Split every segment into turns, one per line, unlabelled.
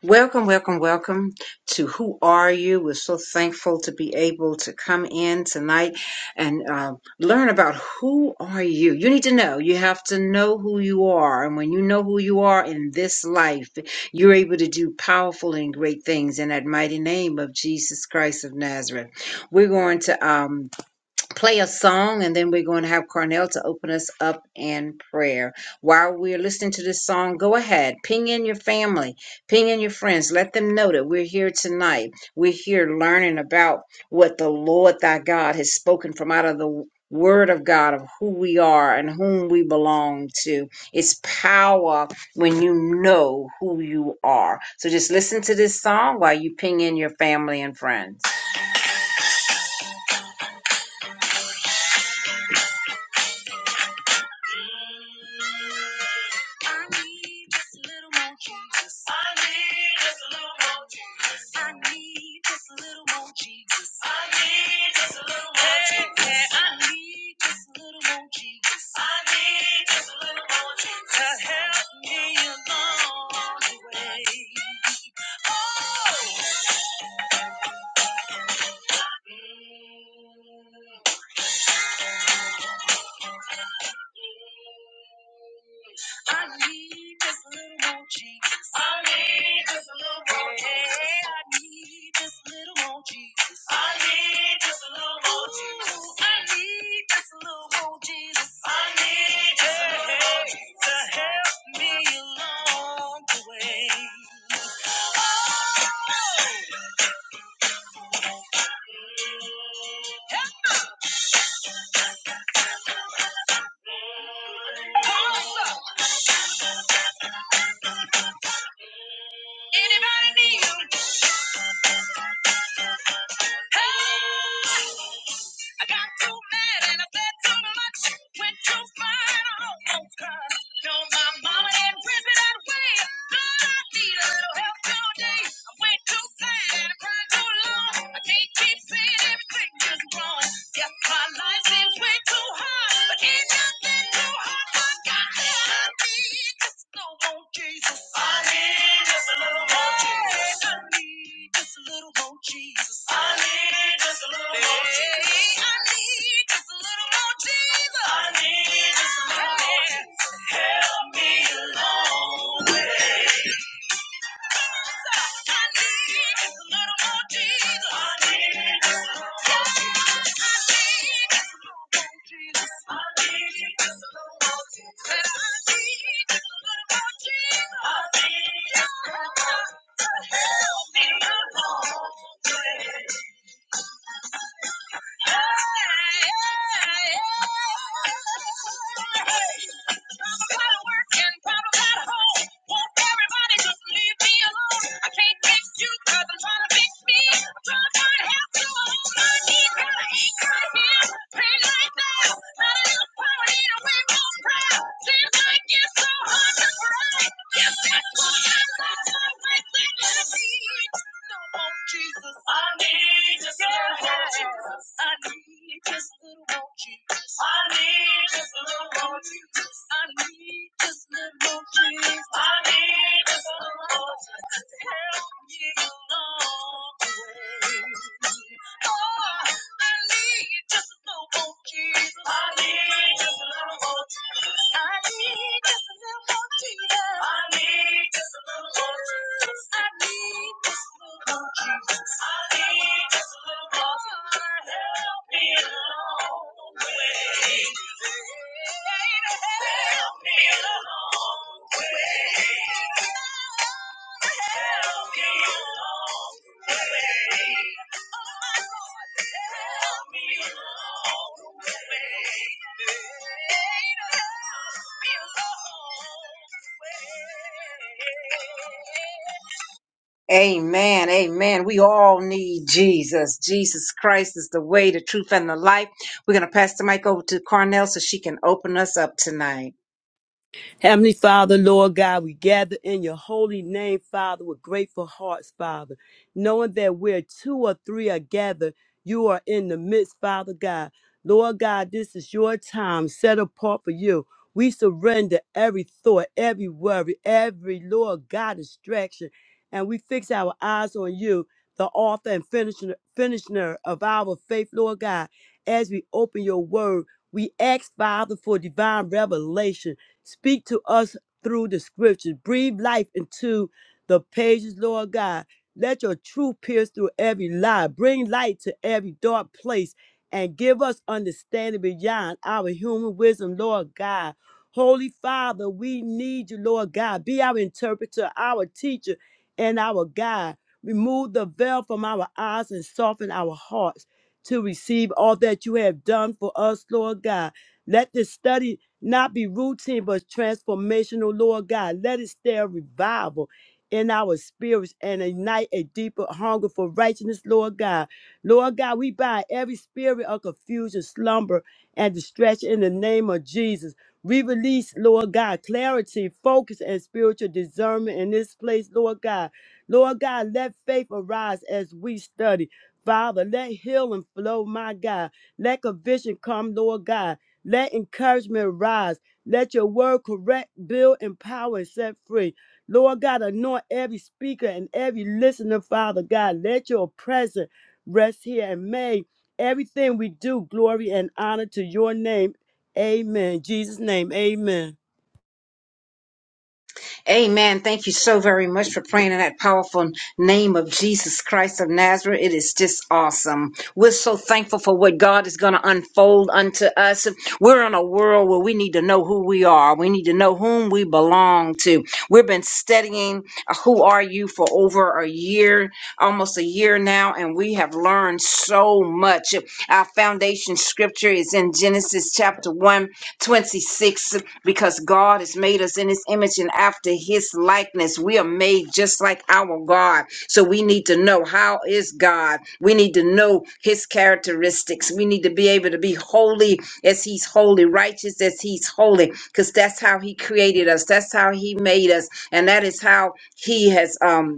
Welcome, welcome, welcome to Who Are You? We're so thankful to be able to come in tonight and uh, learn about who are you. You need to know. You have to know who you are. And when you know who you are in this life, you're able to do powerful and great things in that mighty name of Jesus Christ of Nazareth. We're going to. um, play a song and then we're going to have Carnell to open us up in prayer. While we're listening to this song, go ahead, ping in your family, ping in your friends, let them know that we're here tonight. We're here learning about what the Lord thy God has spoken from out of the Word of God of who we are and whom we belong to. It's power when you know who you are. So just listen to this song while you ping in your family and friends. I need just a little more Jesus. I need just a little more Jesus. I need just a little more Jesus. I need just a little more Jesus. Yeah, yeah, I need just a little more Jesus. I need just a little more Jesus. To help me along the way. Oh! Mm. I need just a little more Jesus. I need just a little more Jesus. Yeah, I need just a little more Jesus. I need just a little more Jesus. Ooh, I need just a little more Jesus. I need just a little more Hey, Jesus. To help me along the way. Oh! hey. Help! Awesome. Anybody need you? Hey, I got too mad and I bled too much. Went too far and I almost cried. No, my mama didn't whip it that way. Lord, I need a little help all day. I went too far and I cried too long. I can't keep saying everything is wrong. Yes, my life seems way too hard, but ain't nothing too hard for God. I need just a little more Jesus. I need just a little more Jesus. I need just a little more Jesus. I need just a little more Jesus. Hey, I need just a little more Jesus. I need just a little more Jesus. Help me along the way. Help me along, Jesus, I need just a little Jesus. I need just a little more Jesus. I need just a little more Jesus. I need just a little more Jesus. I need just a little more Jesus. To help me along the way. Oh, I need just a little more Jesus. I need just a little more Jesus. I need just a little more Jesus. I need just a little more Jesus. I need just a little more Jesus. Jesus, I need just a little more. Help me along the way. Help me along the way. Help me along the way. Help me along the way. Help me along the way. Amen. Amen. We all need Jesus. Jesus Christ is the way, the truth, and the life. We're going to pass the mic over to Carnell so she can open us up tonight.
Heavenly Father, Lord God, we gather in your holy name, Father, with grateful hearts, Father, knowing that where two or three are gathered, you are in the midst, Father God. Lord God, this is your time set apart for you. We surrender every thought, every worry, every, Lord God, distraction, and we fix our eyes on you, the author and finisher, finisher of our faith, Lord God. As we open your word, we ask, Father, for divine revelation Speak to us through the scriptures. Breathe life into the pages, Lord God. Let your truth pierce through every lie. Bring light to every dark place and give us understanding beyond our human wisdom, Lord God. Holy Father, we need you, Lord God. Be our interpreter, our teacher, and our guide. Remove the veil from our eyes and soften our hearts to receive all that you have done for us, Lord God. Let this study not be routine, but transformational, Lord God. Let it stir revival in our spirits and ignite a deeper hunger for righteousness, Lord God. Lord God, we bind every spirit of confusion, slumber, and distraction in the name of Jesus. We release, Lord God, clarity, focus, and spiritual discernment in this place, Lord God. Lord God, let faith arise as we study. Father, let healing flow, my God. Let conviction come, Lord God. Let encouragement rise. Let your word correct, build, empower, and set free. Lord God, anoint every speaker and every listener, Father God. Let your presence rest here and may everything we do glory and honor to your name. Amen. Jesus' name, amen.
Amen. Thank you so very much for praying in that powerful name of Jesus Christ of Nazareth. It is just awesome. We're so thankful for what God is going to unfold unto us. We're in a world where we need to know who we are. We need to know whom we belong to. We've been studying uh, who are you for over a year, almost a year now, and we have learned so much. Our foundation scripture is in Genesis chapter one, 26 because God has made us in his image and after his likeness. We are made just like our God. So we need to know how is God. We need to know his characteristics. We need to be able to be holy as he's holy, righteous as he's holy, because that's how he created us. That's how he made us. And that is how he has um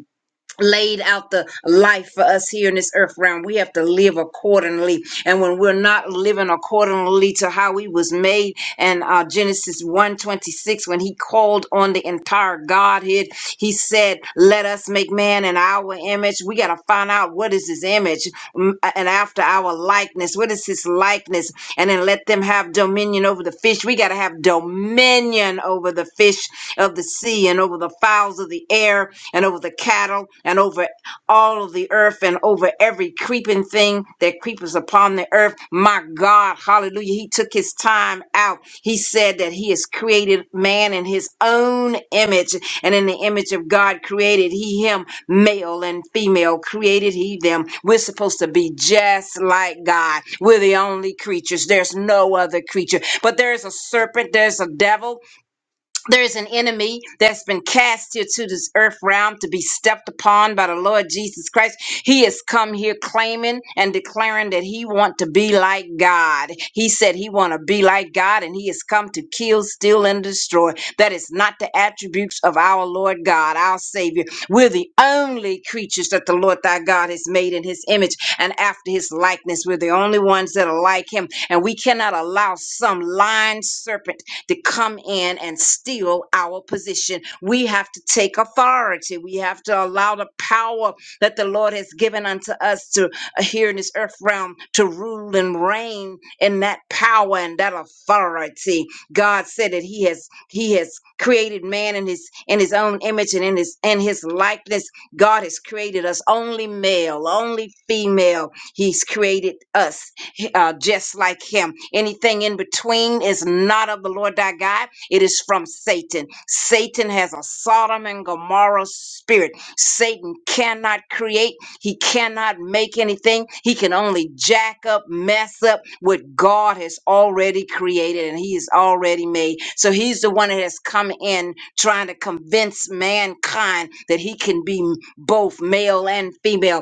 laid out the life for us here in this earth realm we have to live accordingly and when we're not living accordingly to how he was made and uh genesis one twenty six, when he called on the entire godhead he said, Let us make man in our image. We got to find out what is his image mm, uh, and after our likeness. What is his likeness? And then let them have dominion over the fish. We got to have dominion over the fish of the sea and over the fowls of the air and over the cattle and over all of the earth and over every creeping thing that creepers upon the earth. My God, hallelujah. He took his time out. He said that he has created man in his own image, and in the image of God created he him, male and female, created he them. We're supposed to be just like God. We're the only creatures. There's no other creature. But there's a serpent, there's a devil, there is an enemy that's been cast here to this earth realm to be stepped upon by the Lord Jesus Christ. He has come here claiming and declaring that he want to be like God. He said he want to be like God and he has come to kill, steal and destroy. That is not the attributes of our Lord God, our Savior. We're the only creatures that the Lord thy God has made in his image and after his likeness. We're the only ones that are like him and we cannot allow some lying serpent to come in and steal our position. We have to take authority. We have to allow the power that the Lord has given unto us to uh, here in this earth realm to rule and reign in that power and that authority. God said that He has He has created man in His in His own image and in His in His likeness. God has created us only male, only female. He's created us uh, just like him. Anything in between is not of the Lord thy God, it is from Satan. Satan has a Sodom and Gomorrah spirit. Satan cannot create, he cannot make anything, he can only jack up, mess up what God has already created and he has already made. So he's the one that has come in trying to convince mankind that he can be both male and female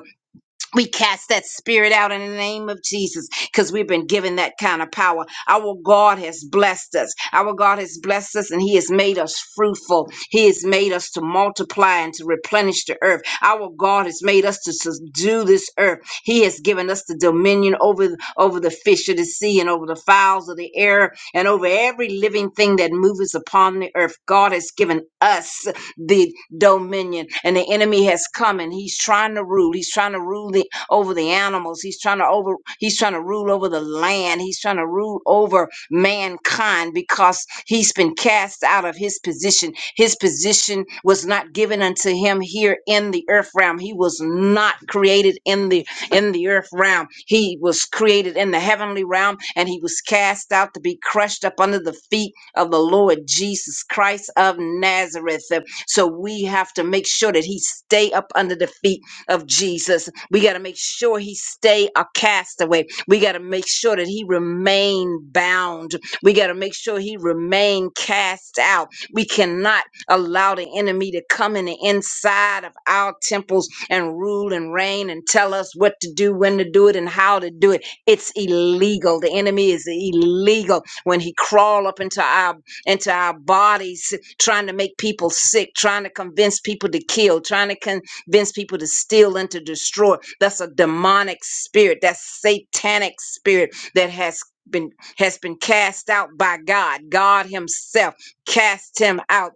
we cast that spirit out in the name of Jesus because we've been given that kind of power. Our God has blessed us. Our God has blessed us and He has made us fruitful. He has made us to multiply and to replenish the earth. Our God has made us to subdue this earth. He has given us the dominion over, over the fish of the sea and over the fowls of the air and over every living thing that moves upon the earth. God has given us the dominion. And the enemy has come and he's trying to rule. He's trying to rule the over the animals. He's trying to over he's trying to rule over the land. He's trying to rule over mankind because he's been cast out of his position. His position was not given unto him here in the earth realm. He was not created in the in the earth realm. He was created in the heavenly realm and he was cast out to be crushed up under the feet of the Lord Jesus Christ of Nazareth. So we have to make sure that he stay up under the feet of Jesus. We got to make sure he stay a castaway. We got to make sure that he remain bound. We got to make sure he remain cast out. We cannot allow the enemy to come in the inside of our temples and rule and reign and tell us what to do, when to do it, and how to do it. It's illegal. The enemy is illegal when he crawl up into our into our bodies, trying to make people sick, trying to convince people to kill, trying to convince people to steal and to destroy. That's a demonic spirit. That's satanic spirit that has been has been cast out by God. God Himself cast him out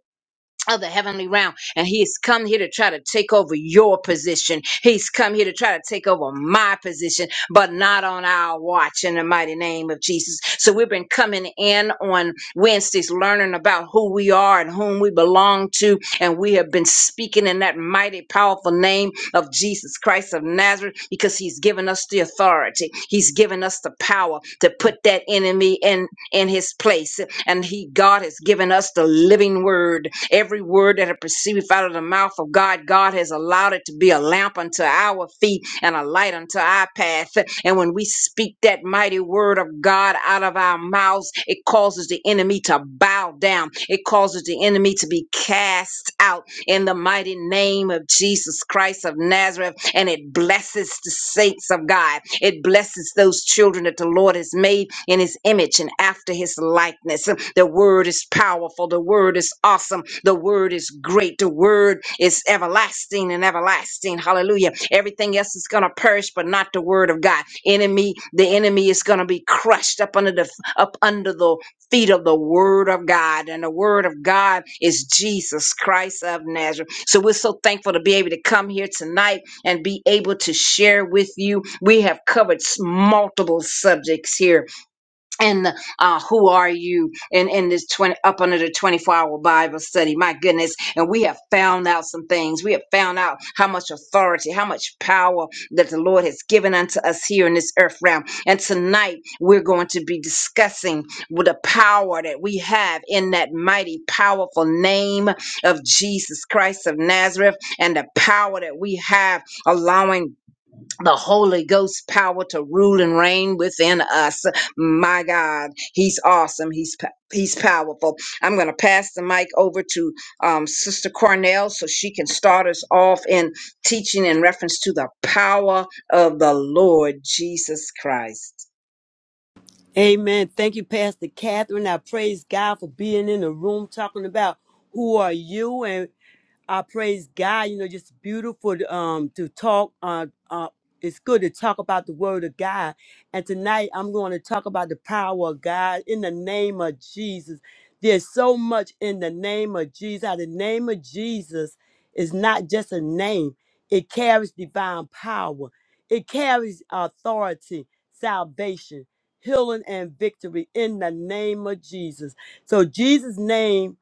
of the heavenly realm and he's come here to try to take over your position he's come here to try to take over my position but not on our watch in the mighty name of jesus so we've been coming in on wednesdays learning about who we are and whom we belong to and we have been speaking in that mighty powerful name of jesus christ of nazareth because he's given us the authority he's given us the power to put that enemy in in his place. And he, God has given us the living word. Every word that it proceedeth out of the mouth of God, God has allowed it to be a lamp unto our feet and a light unto our path. And when we speak that mighty word of God out of our mouths, it causes the enemy to bow down. It causes the enemy to be cast out in the mighty name of Jesus Christ of Nazareth. And it blesses the saints of God. It blesses those children that the Lord has made in his image and after his likeness. The word is powerful. The word is awesome. The word is great. The word is everlasting and everlasting. Hallelujah. Everything else is going to perish, but not the word of God. Enemy, the enemy is going to be crushed up under the up under the feet of the Word of God. And the Word of God is Jesus Christ of Nazareth. So we're so thankful to be able to come here tonight and be able to share with you. We have covered s- multiple subjects here and uh, who are you in, in this 20 up under the 24 hour bible study my goodness and we have found out some things we have found out how much authority how much power that the lord has given unto us here in this earth realm and tonight we're going to be discussing with the power that we have in that mighty powerful name of jesus christ of nazareth and the power that we have allowing the Holy Ghost power to rule and reign within us. My God, He's awesome. He's pa- He's powerful. I'm going to pass the mic over to um, Sister Cornell so she can start us off in teaching in reference to the power of the Lord Jesus Christ.
Amen. Thank you, Pastor Catherine. I praise God for being in the room talking about who are you and I praise God. You know, just beautiful um to talk. Uh, uh, it's good to talk about the Word of God. And tonight I'm going to talk about the power of God in the name of Jesus. There's so much in the name of Jesus. How the name of Jesus is not just a name; it carries divine power. It carries authority, salvation, healing, and victory in the name of Jesus. So Jesus' name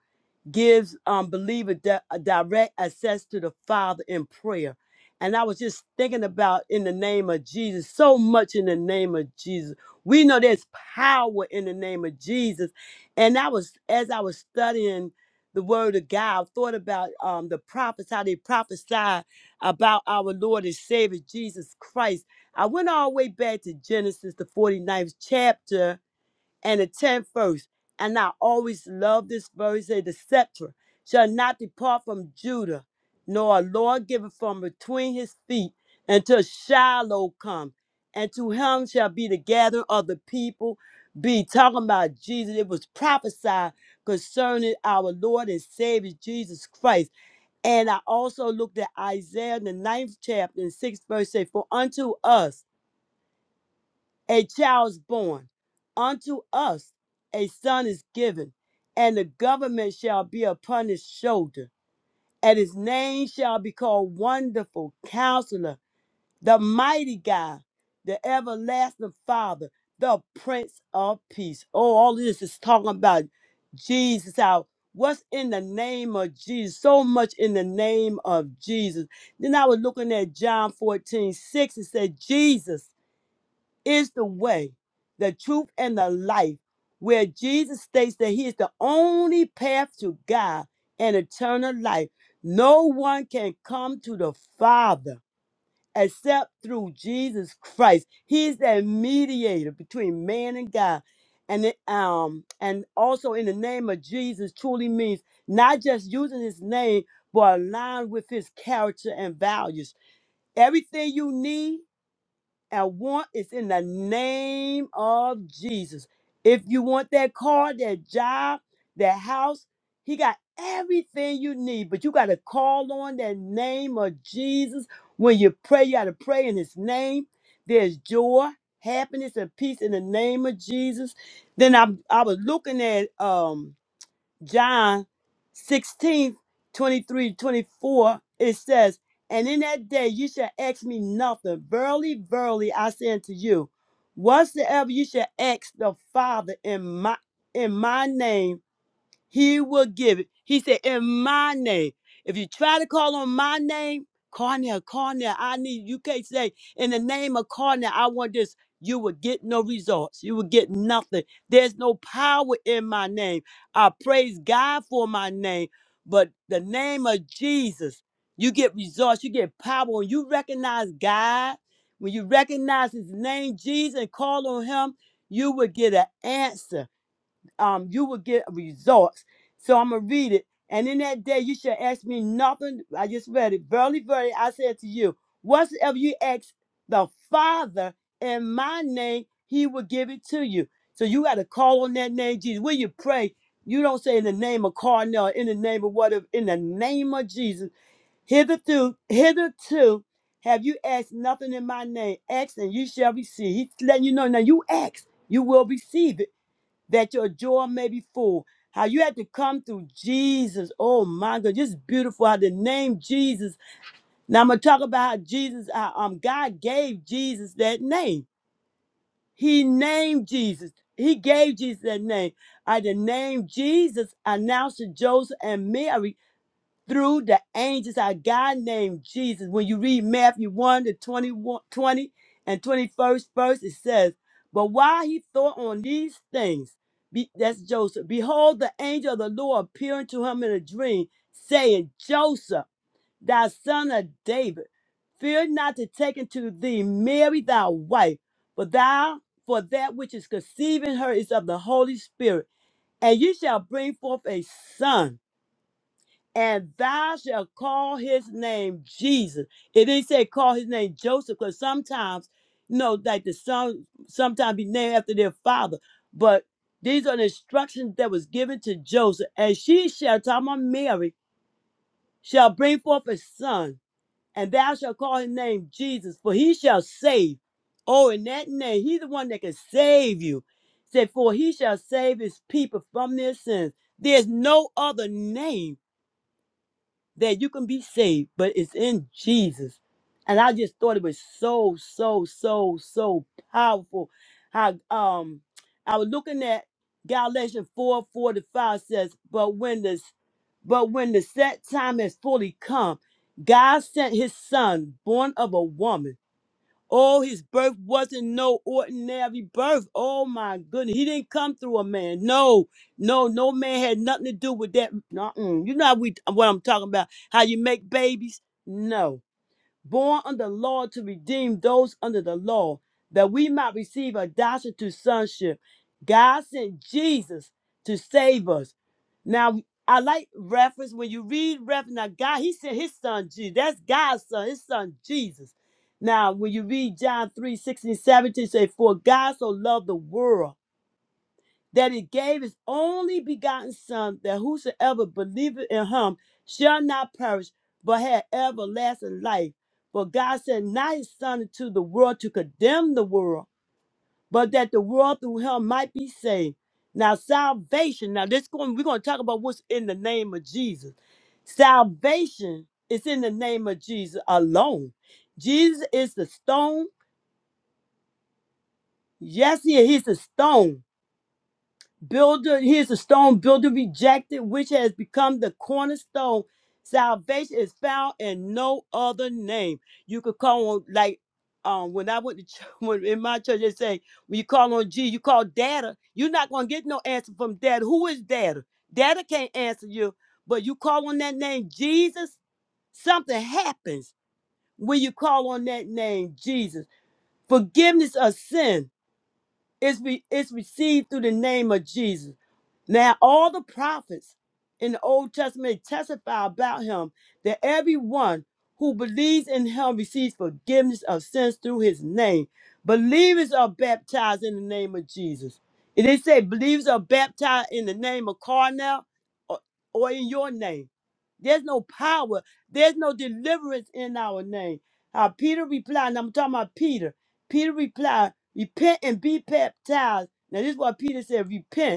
gives um, believer di- a direct access to the Father in prayer. And I was just thinking about in the name of Jesus, so much in the name of Jesus. We know there's power in the name of Jesus. And I was, as I was studying the word of God, I thought about um, the prophets, how they prophesied about our Lord and Savior Jesus Christ. I went all the way back to Genesis, the forty ninth chapter, and the tenth verse. And I always love this verse, "Say the sceptre Shall not depart from Judah, nor a Lord give it from between his feet until Shiloh come. And to him shall be the gathering of the people. Be talking about Jesus. It was prophesied concerning our Lord and Savior Jesus Christ. And I also looked at Isaiah, the ninth chapter and sixth verse, say, For unto us a child is born. Unto us a son is given, and the government shall be upon his shoulder. And his name shall be called Wonderful Counselor, the Mighty God, the Everlasting Father, the Prince of Peace. Oh, all this is talking about Jesus How What's in the name of Jesus? So much in the name of Jesus. Then I was looking at John fourteen six 6. It said, Jesus is the way, the truth, and the life, where Jesus states that He is the only path to God and eternal life. No one can come to the Father except through Jesus Christ. He's that mediator between man and God. And it, um and also in the name of Jesus truly means not just using his name but aligned with his character and values. Everything you need I want is in the name of Jesus. If you want that car, that job, that house, he got everything you need, but you got to call on that name of Jesus. When you pray, you got to pray in his name. There's joy, happiness, and peace in the name of Jesus. Then I, I was looking at um John 16, 23, 24. it says, And in that day you shall ask me nothing. Verily, verily, I say unto you, whatsoever you shall ask the Father in my in my name he will give it. He said, In my name. If you try to call on my name, Cornell, Cornell, I need you can't say in the name of Cornell, I want this. You will get no results. You will get nothing. There's no power in my name. I praise God for my name. But the name of Jesus, you get results, you get power. When you recognize God, when you recognize his name, Jesus, and call on him, you will get an answer um, you will get results. So I'm gonna read it. And in that day you shall ask me nothing. I just read it. Verily, verily, I said to you, whatsoever you ask the Father in my name, he will give it to you. So you gotta call on that name, Jesus. When you pray, you don't say in the name of Carnell, in the name of whatever, in the name of Jesus. Hitherto, hitherto have you asked nothing in my name. Ask and you shall receive. He's letting you know now you ask, you will receive it that your joy may be full. How you had to come through Jesus. Oh my God, just beautiful how the name Jesus. Now I'm gonna talk about how Jesus, how, um, God gave Jesus that name. He named Jesus. He gave Jesus that name. I the name Jesus announced to Joseph and Mary through the angels, our God named Jesus. When you read Matthew 1 to 21, 20 and 21st verse, it says, But while he thought on these things, be, that's Joseph, behold, the angel of the Lord appearing to him in a dream, saying, Joseph, thy son of David, fear not to take unto thee Mary thy wife, for thou for that which is conceiving her is of the Holy Spirit, and you shall bring forth a son and thou shalt call his name Jesus. It didn't say call his name Joseph, because sometimes, you know, like the son sometimes be named after their father. But these are the instructions that was given to Joseph. And she shall, talking about Mary, shall bring forth a son, and thou shalt call his name Jesus, for he shall save. Oh, in that name, he's the one that can save you. Said, for he shall save his people from their sins. There's no other name that you can be saved, but it's in Jesus. And I just thought it was so, so, so, so powerful. How um I was looking at Galatians 4, 4 to 5 says, But when this but when the set time has fully come, God sent his son, born of a woman Oh, his birth wasn't no ordinary birth. Oh my goodness. He didn't come through a man. No, no, no man had nothing to do with that. nuh You know how we what I'm talking about. How you make babies? No born under the law to redeem those under the law, that we might receive adoption to sonship. God sent Jesus to save us. Now, I like reference when you read reference. Now, God, He sent His Son Jesus. That's God's Son, His Son Jesus. Now, when you read John 3 16 17, say, For God so loved the world that he gave his only begotten Son, that whosoever believeth in him shall not perish, but have everlasting life. But God sent not his Son into the world to condemn the world, but that the world through him might be saved. Now, salvation, now this going, we're going to talk about what's in the name of Jesus. Salvation is in the name of Jesus alone. Jesus is the stone. Yes, he is. He's the stone builder he is a stone builder rejected which has become the cornerstone salvation is found in no other name you could call on like um when i went to church, when in my church they say when you call on g you call data you're not going to get no answer from data who is data data can't answer you but you call on that name jesus something happens when you call on that name jesus forgiveness of sin is, re- is received through the name of jesus now, all the prophets in the Old Testament testify about him that everyone who believes in him receives forgiveness of sins through his name. Believers are baptized in the name of Jesus. And they say believers are baptized in the name of Carnell or, or in your name. There's no power, there's no deliverance in our name. How Peter replied, and I'm talking about Peter. Peter replied, Repent and be baptized. Now, this is what Peter said repent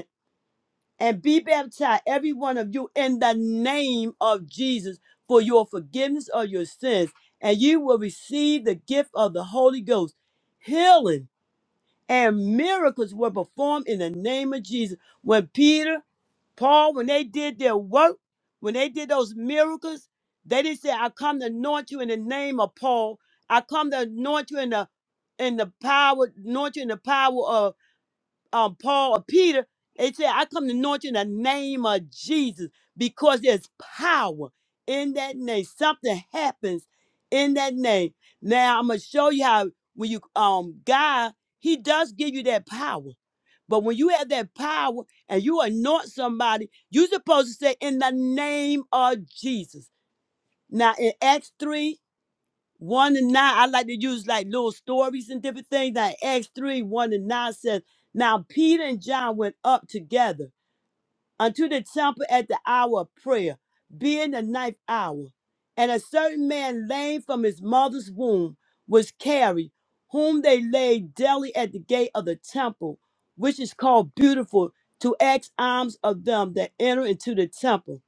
and be baptized, every one of you, in the name of Jesus for your forgiveness of your sins, and you will receive the gift of the Holy Ghost. Healing and miracles were performed in the name of Jesus. When Peter, Paul, when they did their work, when they did those miracles, they didn't say, I come to anoint you in the name of Paul. I come to anoint you in the in the power, anoint you in the power of um, Paul or Peter, they said, I come to anoint you in the name of Jesus because there's power in that name. Something happens in that name. Now I'm gonna show you how when you um God, He does give you that power. But when you have that power and you anoint somebody, you're supposed to say in the name of Jesus. Now in Acts 3 one and nine, I like to use like little stories and different things. Like Acts 3, 1 and 9 says, Now Peter and John went up together unto the temple at the hour of prayer, being the ninth hour. And a certain man lame from his mother's womb was carried, whom they laid daily at the gate of the temple, which is called Beautiful, to ask alms of them that enter into the temple.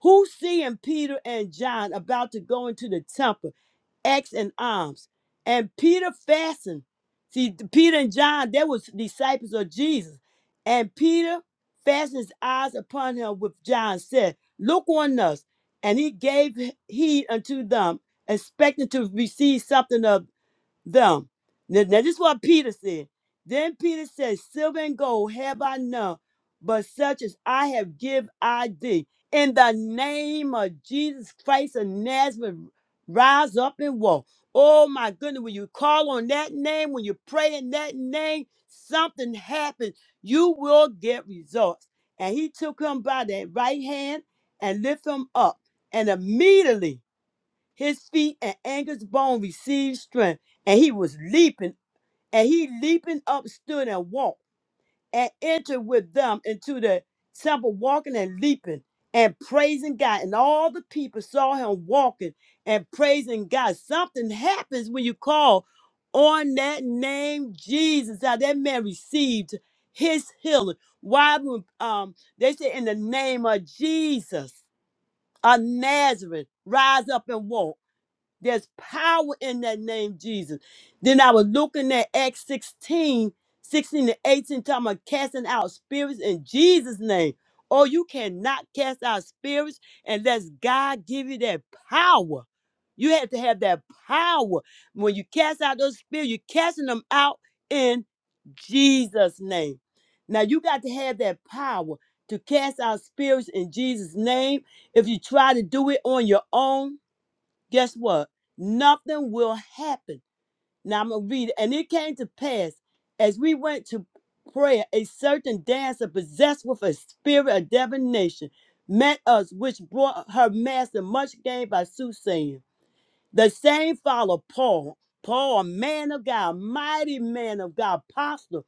Who seeing Peter and John about to go into the temple? axe and arms. And Peter fastened. See, th- Peter and John, they was disciples of Jesus. And Peter fastened his eyes upon him with John, said, Look on us. And he gave h- heed unto them, expecting to receive something of them. Now, now this is what Peter said. Then Peter said, Silver and gold have I none, but such as I have give I thee. In the name of Jesus Christ of Nazareth, rise up and walk. Oh my goodness, when you call on that name, when you pray in that name, something happens. You will get results. And he took him by that right hand and lifted him up. And immediately his feet and Angus' bone received strength, and he was leaping, and he leaping up stood and walked, and entered with them into the temple, walking and leaping and praising God. And all the people saw him walking and praising God. Something happens when you call on that name Jesus. How that man received his healing. Why would um they say in the name of Jesus of Nazareth, rise up and walk. There's power in that name, Jesus. Then I was looking at Acts 16, 16 to 18, talking about casting out spirits in Jesus' name. Oh, you cannot cast out spirits unless God give you that power. You have to have that power. When you cast out those spirits, you're casting them out in Jesus' name. Now you got to have that power to cast out spirits in Jesus' name. If you try to do it on your own, guess what? Nothing will happen. Now I'm gonna read it. And it came to pass as we went to prayer, a certain dancer possessed with a spirit of divination met us, which brought her master much gain by soothsaying. The same followed Paul. Paul, a man of God, mighty man of God, apostle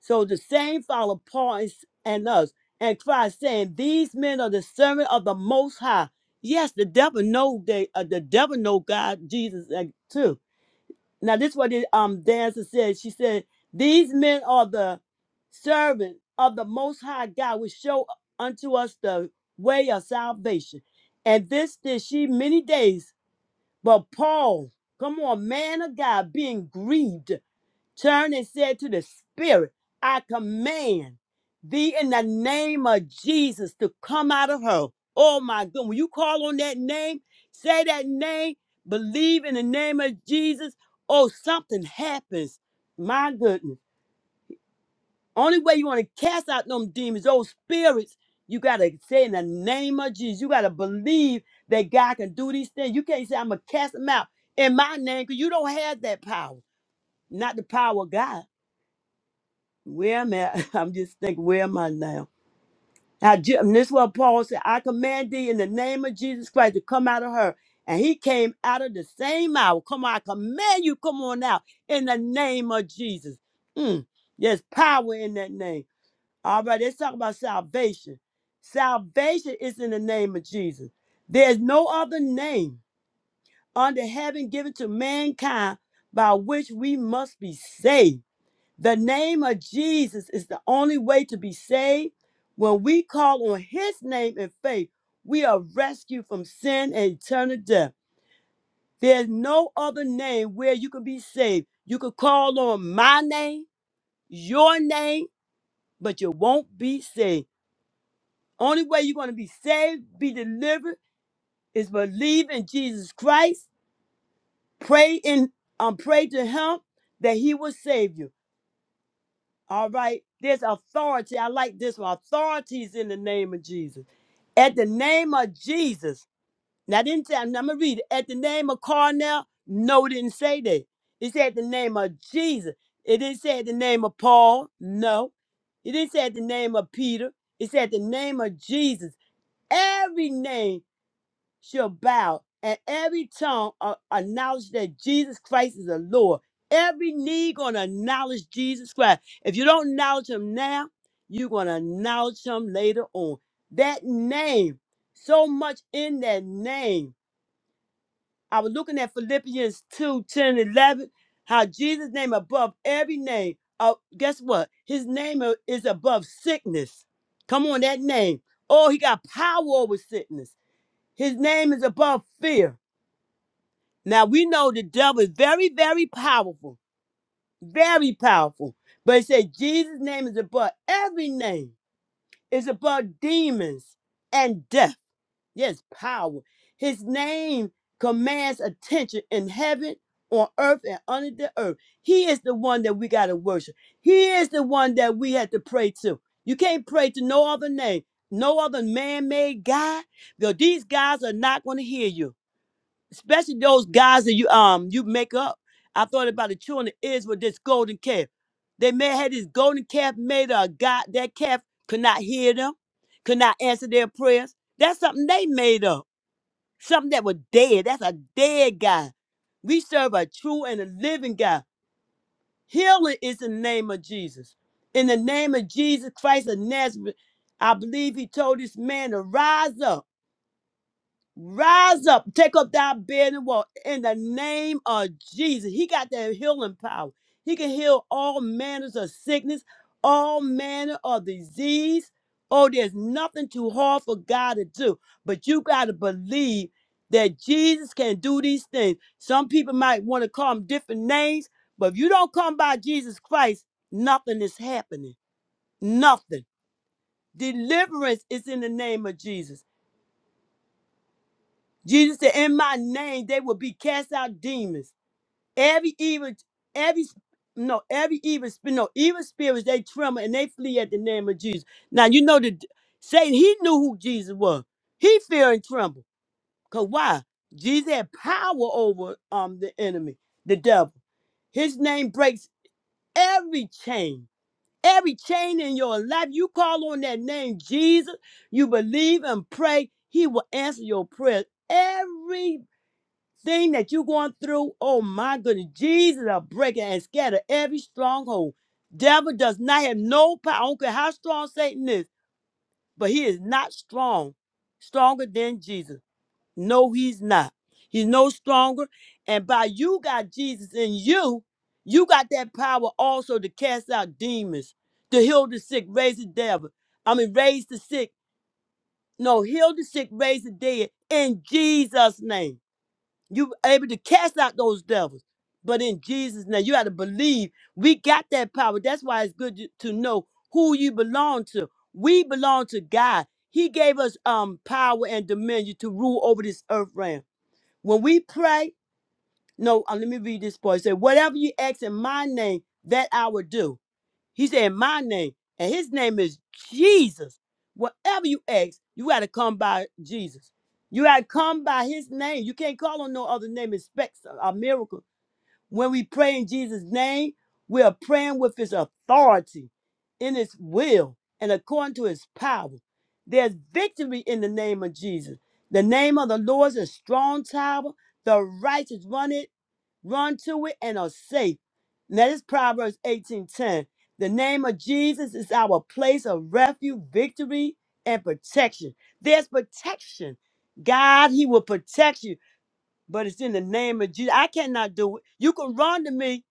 so the same follow Paul and and us and Christ saying, These men are the servant of the most high. Yes, the devil know they uh, the devil know God, Jesus uh, too. Now this is what the um dancer said. She said, These men are the servant of the most high God, which show unto us the way of salvation. And this did she many days. But Paul, come on, man of God, being grieved turned and said to the spirit, I command thee in the name of Jesus to come out of her. Oh my God. When you call on that name, say that name, believe in the name of Jesus. Oh, something happens. My goodness. Only way you want to cast out them demons, those spirits, you got to say in the name of Jesus. You got to believe that God can do these things. You can't say, I'm going to cast them out in my name because you don't have that power, not the power of God. Where am I? I'm just thinking, where am I now? I ju- and this is what Paul said. I command thee in the name of Jesus Christ to come out of her. And he came out of the same hour. Come on, I command you, come on out in the name of Jesus. Mm, there's power in that name. All right, let's talk about salvation. Salvation is in the name of Jesus. There's no other name under heaven given to mankind by which we must be saved. The name of Jesus is the only way to be saved. When we call on his name in faith, we are rescued from sin and eternal death. There's no other name where you can be saved. You could call on my name, your name, but you won't be saved. Only way you're going to be saved, be delivered, is believe in Jesus Christ, pray in um, pray to him that he will save you. All right. There's authority. I like this one. Authorities in the name of Jesus. At the name of Jesus. Now, I didn't say, I'm going to read it. At the name of Cornell, no, it didn't say that. It said the name of Jesus. It didn't say the name of Paul. No. It didn't say the name of Peter. It said the name of Jesus. Every name shall bow and every tongue uh, acknowledge that Jesus Christ is the Lord. Every knee gonna acknowledge Jesus Christ. If you don't acknowledge him now, you're gonna acknowledge him later on. That name, so much in that name. I was looking at Philippians 2 10 11, how Jesus' name above every name. Uh, guess what? His name uh, is above sickness. Come on, that name. Oh, he got power over sickness. His name is above fear. Now we know the devil is very, very powerful, very powerful. But it says Jesus' name is above every name, is above demons and death. Yes, power. His name commands attention in heaven, on earth, and under the earth. He is the one that we got to worship. He is the one that we have to pray to. You can't pray to no other name, no other man made God, because these guys are not going to hear you especially those guys that you um you make up. I thought about the children of Israel, this golden calf. They may have had this golden calf made of a God. That calf could not hear them, could not answer their prayers. That's something they made up. Something that was dead. That's a dead God. We serve a true and a living God. Healing is the name of Jesus. In the name of Jesus Christ of Nazareth, I believe he told this man to rise up Rise up, take up thy bed and walk in the name of Jesus. He got that healing power. He can heal all manners of sickness, all manner of disease. Oh, there's nothing too hard for God to do. But you got to believe that Jesus can do these things. Some people might want to call him different names, but if you don't come by Jesus Christ, nothing is happening. Nothing. Deliverance is in the name of Jesus. Jesus said, "In my name they will be cast out demons. Every evil, every no, every evil spirit, no evil spirits they tremble and they flee at the name of Jesus." Now you know that Satan he knew who Jesus was. He feared and trembled. Cause why? Jesus had power over um the enemy, the devil. His name breaks every chain. Every chain in your life, you call on that name, Jesus. You believe and pray, He will answer your prayer. Every thing that you're going through, oh my goodness, Jesus will break it and scatter every stronghold. Devil does not have no power. I don't care how strong Satan is, but he is not strong, stronger than Jesus. No, he's not. He's no stronger. And by you got Jesus in you, you got that power also to cast out demons, to heal the sick, raise the devil. I mean, raise the sick. No, heal the sick, raise the dead in Jesus' name. You able to cast out those devils. But in Jesus' name, you got to believe we got that power. That's why it's good to to know who you belong to. We belong to God. He gave us um power and dominion to rule over this earth realm. When we pray, no, uh, let me read this part. It said, Whatever you ask in my name, that I will do he said, My name, and his name is Jesus. Whatever you ask, you got to come by Jesus. You got to come by his name. You can't call on no other name, expect a a miracle. When we pray in Jesus' name, we are praying with his authority, in his will, and according to his power. There's victory in the name of Jesus. The name of the Lord is a strong tower. The righteous run it run to it and are safe. Now this Proverbs 18:10. The name of Jesus is our place of refuge, victory, and protection. There's protection. God, He will protect you, but it's in the name of Jesus. I cannot do it. You can run to me,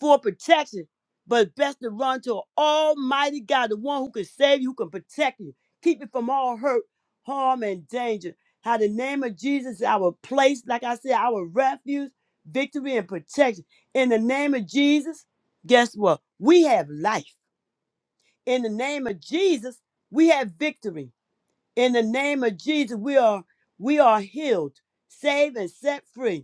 for protection. But it's best to run to Almighty God, the one who can save you, who can protect you, keep you from all hurt, harm, and danger. How the name of Jesus is our place, like I said, our refuge, victory, and protection. In the name of Jesus, guess what? We have life. In the name of Jesus, we have victory. In the name of Jesus, we are we are healed, saved, and set free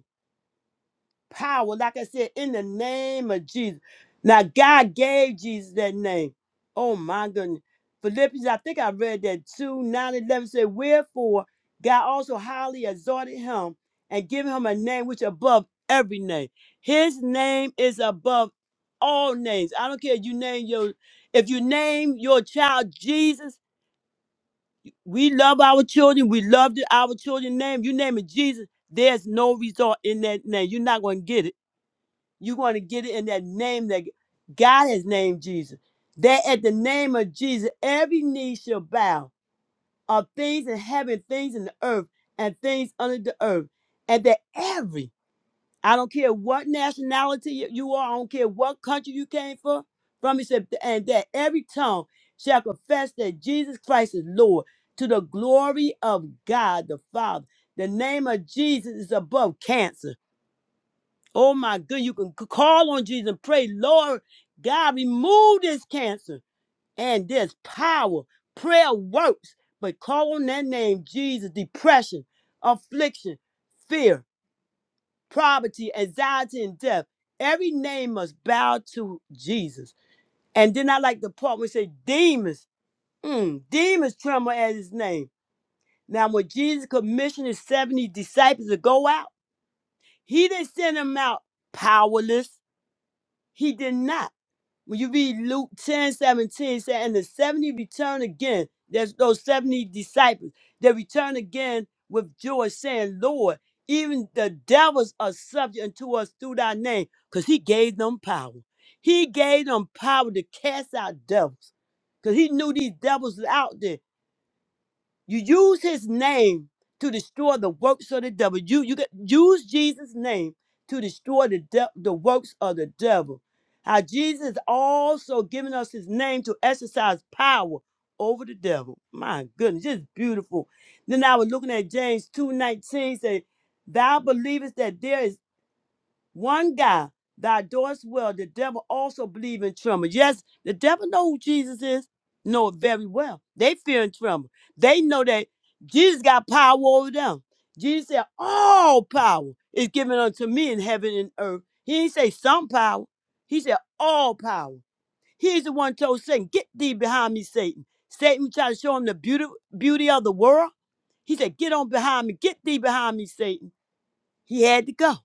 power, like I said, in the name of Jesus. Now, God gave Jesus that name. Oh, my goodness. Philippians, I think I read that 2 nine eleven. 11 said, Wherefore God also highly exalted him and given him a name which above every name. His name is above all names. I don't care if you name your if you name your child Jesus, we love our children. We love the- our children name. You name it Jesus, there's no result in that name. You're not going to get it. You're going to get it in that name that God has named Jesus. That at the name of Jesus, every knee shall bow of things in heaven, things in the earth, and things under the earth. And that every, I don't care what nationality you you are, I don't care what country you came from, from he said, and that every tongue shall confess that Jesus Christ is Lord to the glory of God the Father. The name of Jesus is above cancer. Oh my good, you can c- call on Jesus and pray, Lord God, remove this cancer. And there's power. Prayer works, but call on that name, Jesus. Depression, affliction, fear, poverty, anxiety, and death. Every name must bow to Jesus. And then I like the part where it say demons. Mm, demons tremble at his name. Now, when Jesus commissioned his 70 disciples to go out, he didn't send them out powerless. He did not. When you read Luke 10:17, 17, it said, And the 70 return again. There's those 70 disciples. They return again with joy, saying, Lord, even the devils are subject unto us through thy name, because he gave them power. He gave them power to cast out devils, because he knew these devils was out there. You use his name to destroy the works of the devil. You you get, use Jesus' name to destroy the de- the works of the devil. How Jesus also given us his name to exercise power over the devil. My goodness, just beautiful. Then I was looking at James 2:19 say, Thou believest that there is one guy that does well, the devil also believe in tremble. Yes, the devil know who Jesus is, know it very well. They fear and tremble. They know that Jesus got power over them. Jesus said, all power is given unto me in heaven and earth. He didn't say some power. He said all power. He's the one told Satan, get thee behind me, Satan. Satan tried to show him the beauty, beauty of the world. He said, get on behind me, get thee behind me, Satan. He had to go.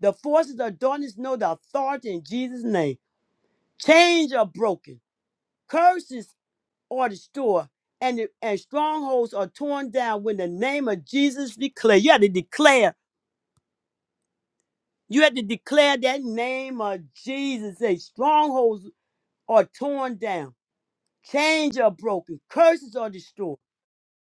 The forces of darkness know the authority in Jesus' name. Chains are broken, curses are destroyed, and, and strongholds are torn down when the name of Jesus declared. You had to declare. You had to declare that name of Jesus. Say strongholds are torn down, chains are broken, curses are destroyed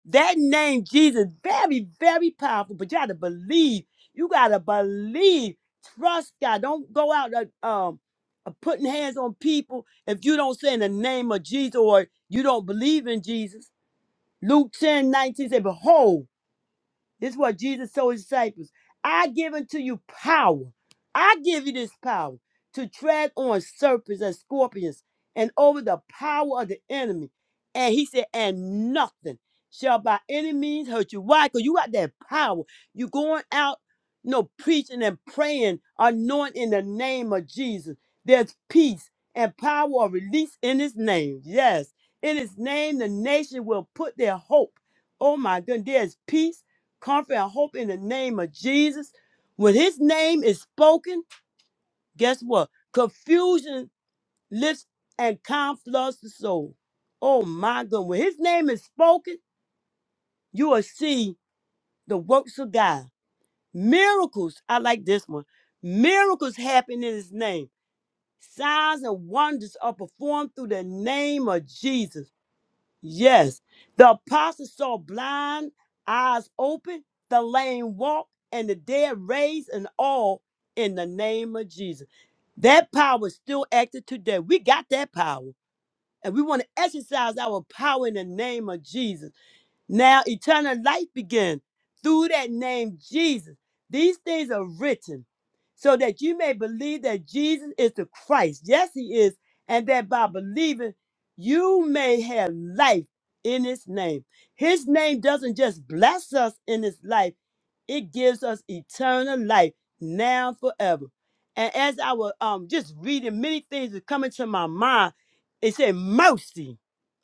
That name, Jesus, very, very powerful, but you gotta believe. You gotta believe. Trust God. Don't go out uh, um uh, putting hands on people if you don't say in the name of Jesus or you don't believe in Jesus. Luke ten nineteen 19 said, Behold, this is what Jesus told his disciples. I give unto you power. I give you this power to tread on serpents and scorpions and over the power of the enemy. And he said, and nothing shall by any means hurt you. Why? Because you got that power. you going out, you know, preaching and praying, anointing in the name of Jesus. There's peace and power of release in his name. Yes. In his name, the nation will put their hope. Oh my goodness, there's peace comfort, and hope in the name of Jesus. When his name is spoken, guess what? Confusion lifts and calm floods the soul. Oh my God. When his name is spoken, you will see the works of God. Miracles, I like this one. Miracles happen in his name. Signs and wonders are performed through the name of Jesus. Yes. The apostles saw blind eyes open, the lame walk, and the dead raised, and all in the name of Jesus. That power is still active today. We got that power, and we want to exercise our power in the name of Jesus. Now eternal life begins through that name Jesus. These things are written so that you may believe that Jesus is the Christ. Yes, he is. And that by believing, you may have life in his name. His name doesn't just bless us in his life, it gives us eternal life now and forever. And as I was um, just reading, many things were coming to my mind. It said mercy.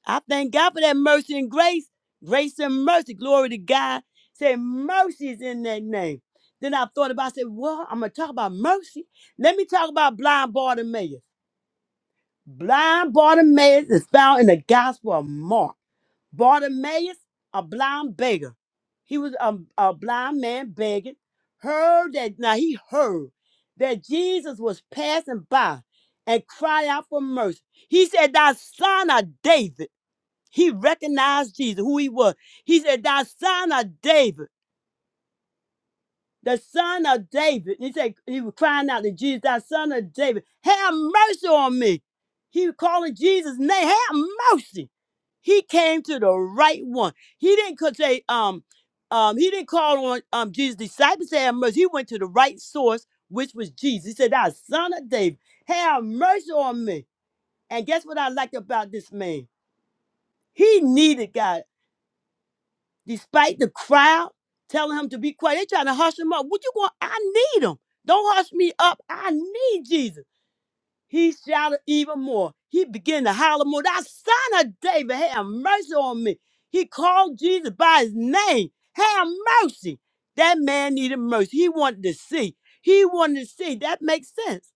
I thank God for that mercy and grace Grace and mercy, glory to God. Say mercy is in that name. Then I thought about, I said, well, I'm going to talk about mercy. Let me talk about blind Bartimaeus. Blind Bartimaeus is found in the Gospel of Mark. Bartimaeus, a blind beggar. He was a, a blind man begging. Heard that, now he heard that Jesus was passing by and cried out for mercy. He said, Thou son of David. He recognized Jesus, who he was. He said, Thy son of David, the son of David. He said, He was crying out to Jesus, Thy son of David, have mercy on me. He was calling Jesus' name, have mercy. He came to the right one. He didn't co- say, um, um, he didn't call on um Jesus' disciples to have mercy. He went to the right source, which was Jesus. He said, Thy son of David, have mercy on me. And guess what I liked about this man? He needed God. despite the crowd telling him to be quiet. They trying to hush him up. What you going? I need him. Don't hush me up. I need Jesus. He shouted even more. He began to holler more. Thou son of David, have mercy on me. He called Jesus by his name. Have mercy. That man needed mercy. He wanted to see. He wanted to see. That makes sense.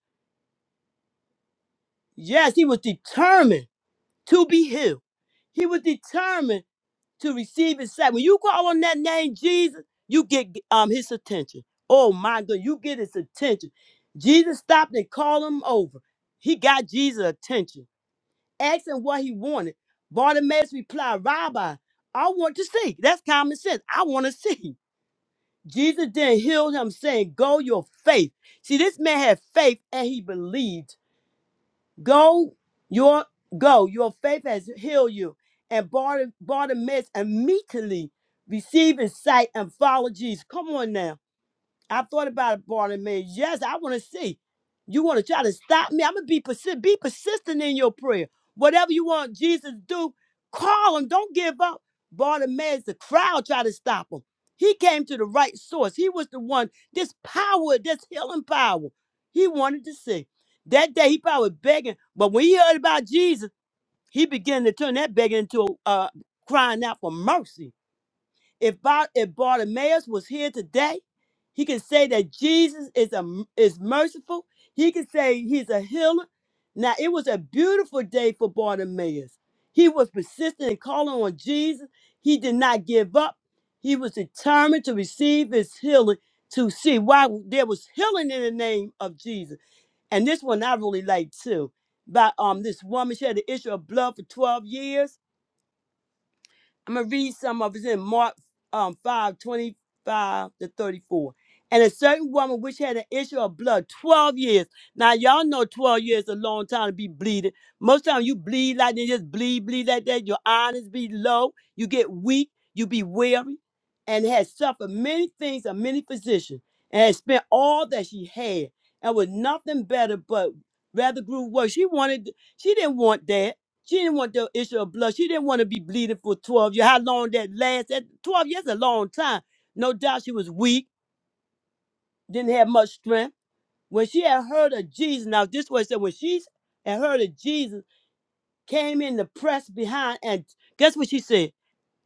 Yes, he was determined to be healed. He was determined to receive his sight. When you call on that name, Jesus, you get um his attention. Oh my God, you get his attention. Jesus stopped and called him over. He got Jesus' attention. Asked him what he wanted. Bartimaeus replied, Rabbi, I want to see. That's common sense. I want to see. Jesus then healed him, saying, Go your faith. See, this man had faith and he believed. Go your go. Your faith has healed you. And Bartim- Bartimaeus immediately received his sight and followed Jesus. Come on now. I thought about it, Barnabas. Yes, I want to see. You want to try to stop me? I'm gonna be persistent. Be persistent in your prayer. Whatever you want Jesus to do, call him. Don't give up. Barnabas, the crowd tried to stop him. He came to the right source. He was the one. This power, this healing power, he wanted to see. That day he probably was begging, but when he heard about Jesus, he began to turn that begging into a uh, crying out for mercy. If, Bar- if Bartimaeus was here today, he could say that Jesus is a is merciful. He could say he's a healer. Now it was a beautiful day for Bartimaeus. He was persistent in calling on Jesus. He did not give up. He was determined to receive his healing to see why there was healing in the name of Jesus. And this one I really like too. By um this woman, she had an issue of blood for 12 years I'm gonna read some of it in Mark um, five twenty five to 34. And a certain woman which had an issue of blood 12 years. Now y'all know 12 years is a long time to be bleeding. Most time you bleed like they just bleed, bleed like that. Your honors be low, you get weak, you be weary, and had suffered many things of many physicians, and had spent all that she had, and was nothing better, but rather grew worse. She wanted, she didn't want that. She didn't want the issue of blood. She didn't want to be bleeding for 12 years. How long that lasts? That 12 years is a long time. No doubt she was weak, didn't have much strength. When she had heard of Jesus, now this way said, when she had heard of Jesus, came in the press behind, and guess what she said?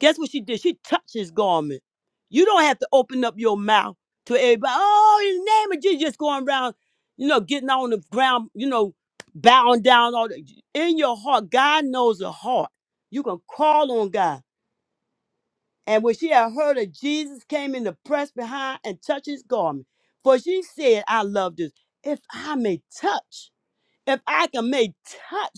Guess what she did? She touched his garment. You don't have to open up your mouth to everybody. Oh, in the name of Jesus, just going around, you know, getting on the ground, you know, bowing down. All the, in your heart, God knows the heart. You can call on God. And when she had heard that Jesus came in the press behind and touched his garment, for she said, "I love this. If I may touch, if I can may touch."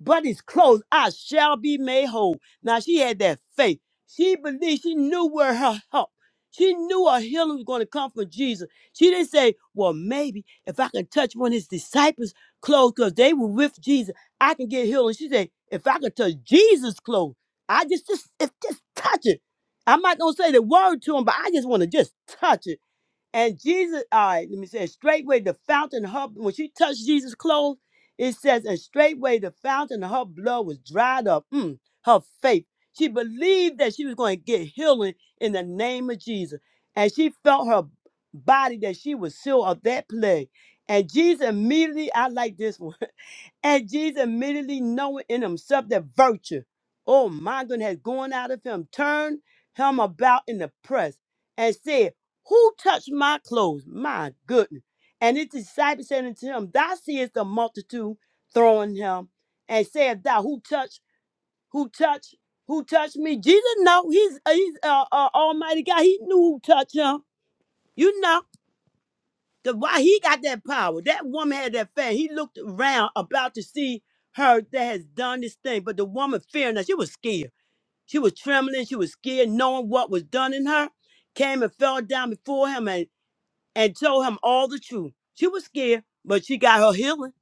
but it's closed. I shall be made whole. Now she had that faith. She believed she knew where her help. She knew her healing was going to come from Jesus. She didn't say, Well, maybe if I can touch one of his disciples' clothes, because they were with Jesus, I can get healed. And she said, If I can touch Jesus' clothes, I just just if just touch it. I might not say the word to him, but I just want to just touch it. And Jesus, all right, let me say it. Straightway the fountain, her when she touched Jesus' clothes, it says, and straightway the fountain of her blood was dried up. Mm, her faith. She believed that she was going to get healing in the name of Jesus. And she felt her body that she was healed of that plague. And Jesus immediately, I like this one. And Jesus immediately knowing in himself that virtue, oh my goodness, has gone out of him, turned him about in the press and said, Who touched my clothes? My goodness. And his disciples said unto him, Thou seest the multitude throwing him, and said, Thou who touched, who touched, who touched me? Jesus know he's he's uh, uh, Almighty God. He knew who touched him. You know. Because why he got that power? That woman had that fan. He looked around about to see her that has done this thing. But the woman fearing that she was scared. She was trembling. She was scared, knowing what was done in her. Came and fell down before him. and and told him all the truth. She was scared, but she got her healing.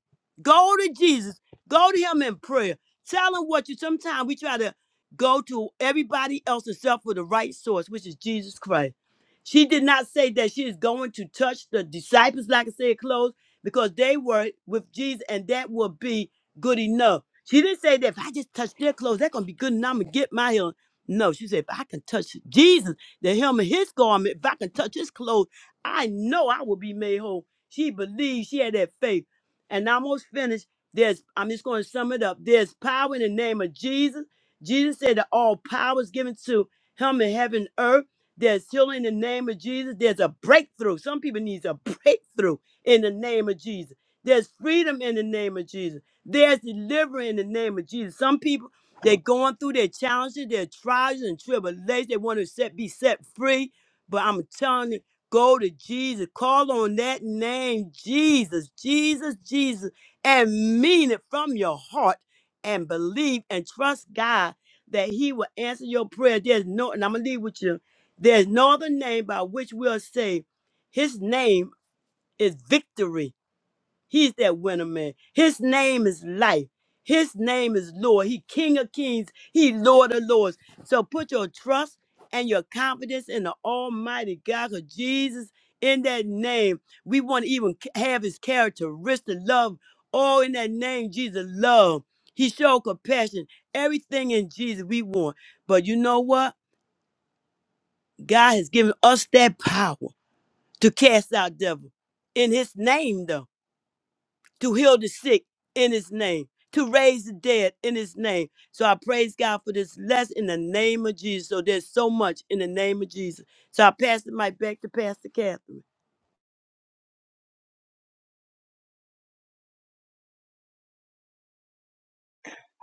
Go to Jesus. Go to him in prayer. Tell him what you sometimes we try to go to everybody else except for the right source, which is Jesus Christ. She did not say that she is going to touch the disciples, like I said, clothes, because they were with Jesus and that will be good enough. She didn't say that if I just touch their clothes, that's gonna be good enough. I'm gonna get my healing. No, she said, if I can touch Jesus, the hem of his garment, if I can touch his clothes. I know I will be made whole. She believed she had that faith. And I'm almost finished. There's I'm just going to sum it up. There's power in the name of Jesus. Jesus said that all power is given to him in heaven and earth. There's healing in the name of Jesus. There's a breakthrough. Some people need a breakthrough in the name of Jesus. There's freedom in the name of Jesus. There's deliverance in the name of Jesus. Some people they're going through their challenges, their trials and tribulations. They want to set, be set free. But I'm telling you. Go to Jesus. Call on that name, Jesus, Jesus, Jesus, and mean it from your heart and believe and trust God that He will answer your prayer. There's no, and I'm going to leave with you. There's no other name by which we are saved. His name is victory. He's that winner man. His name is life. His name is Lord. He King of Kings. He Lord of Lords. So put your trust and your confidence in the Almighty God, because Jesus, in that name, we want to even c- have His characteristic love. Oh, in that name, Jesus, love. He showed compassion. Everything in Jesus we want. But you know what? God has given us that power to cast out devil in His name, though to heal the sick in his name, to raise the dead in his name. So I praise God for this lesson in the name of Jesus. So there's so much in the name of Jesus. So I pass the mic back to Pastor Catherine.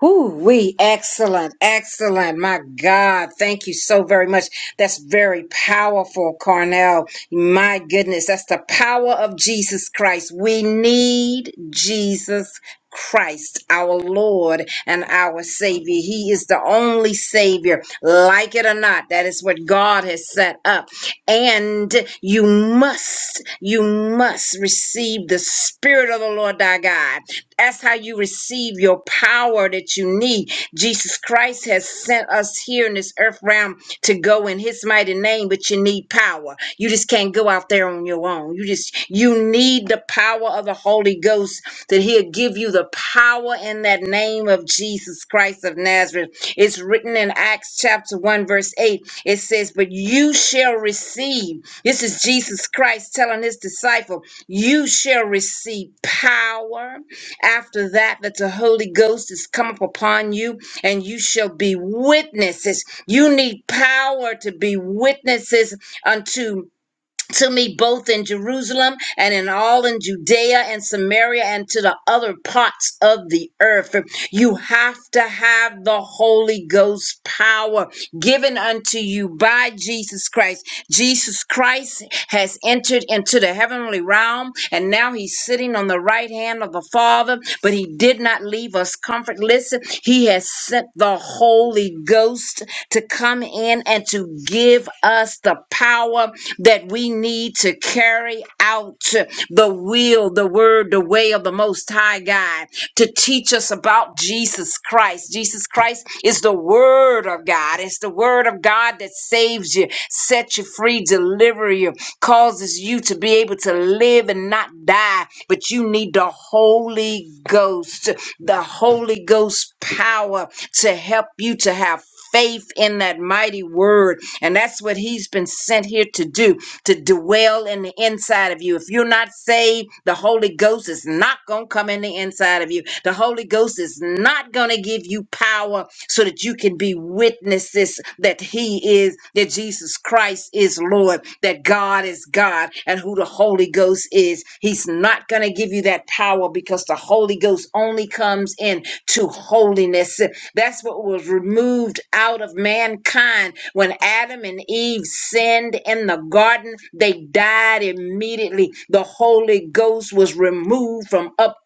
Whoo, we excellent, excellent. My God, thank you so very much. That's very powerful, Carnell. My goodness, that's the power of Jesus Christ. We need Jesus Christ, our Lord and our Savior. He is the only Savior, like it or not. That is what God has set up. And you must, you must receive the Spirit of the Lord thy God that's how you receive your power that you need. Jesus Christ has sent us here in this earth realm to go in his mighty name, but you need power. You just can't go out there on your own. You just you need the power of the Holy Ghost that he'll give you the power in that name of Jesus Christ of Nazareth. It's written in Acts chapter 1 verse 8. It says, "But you shall receive." This is Jesus Christ telling his disciple, "You shall receive power." After that, that the Holy Ghost is come up upon you, and you shall be witnesses. You need power to be witnesses unto to me both in Jerusalem and in all in Judea and Samaria and to the other parts of the earth. You have to have the Holy Ghost power given unto you by Jesus Christ. Jesus Christ has entered into the heavenly realm and now he's sitting on the right hand of the Father, but he did not leave us comfortless. He has sent the Holy Ghost to come in and to give us the power that we need to carry out the will, the word, the way of the Most High God, to teach us about Jesus Christ. Jesus Christ is the Word of God. It's the Word of God that saves you, sets you free, delivers you, causes you to be able to live and not die. But you need the Holy Ghost the Holy Ghost power to help you to have faith in that mighty word. And that's what he's been sent here to do to dwell in the inside of you. If you're not saved, the Holy Ghost is not going to come in the inside of you. The Holy Ghost is not going to give you power so that you can be witnesses that He is, that Jesus Christ is Lord, that God is God, and who the Holy Ghost is. He's not going to give you that power because the Holy Ghost only comes in to holiness. That's what was removed out of mankind when Adam and Eve sinned in the garden. They died immediately. The Holy Ghost was removed from up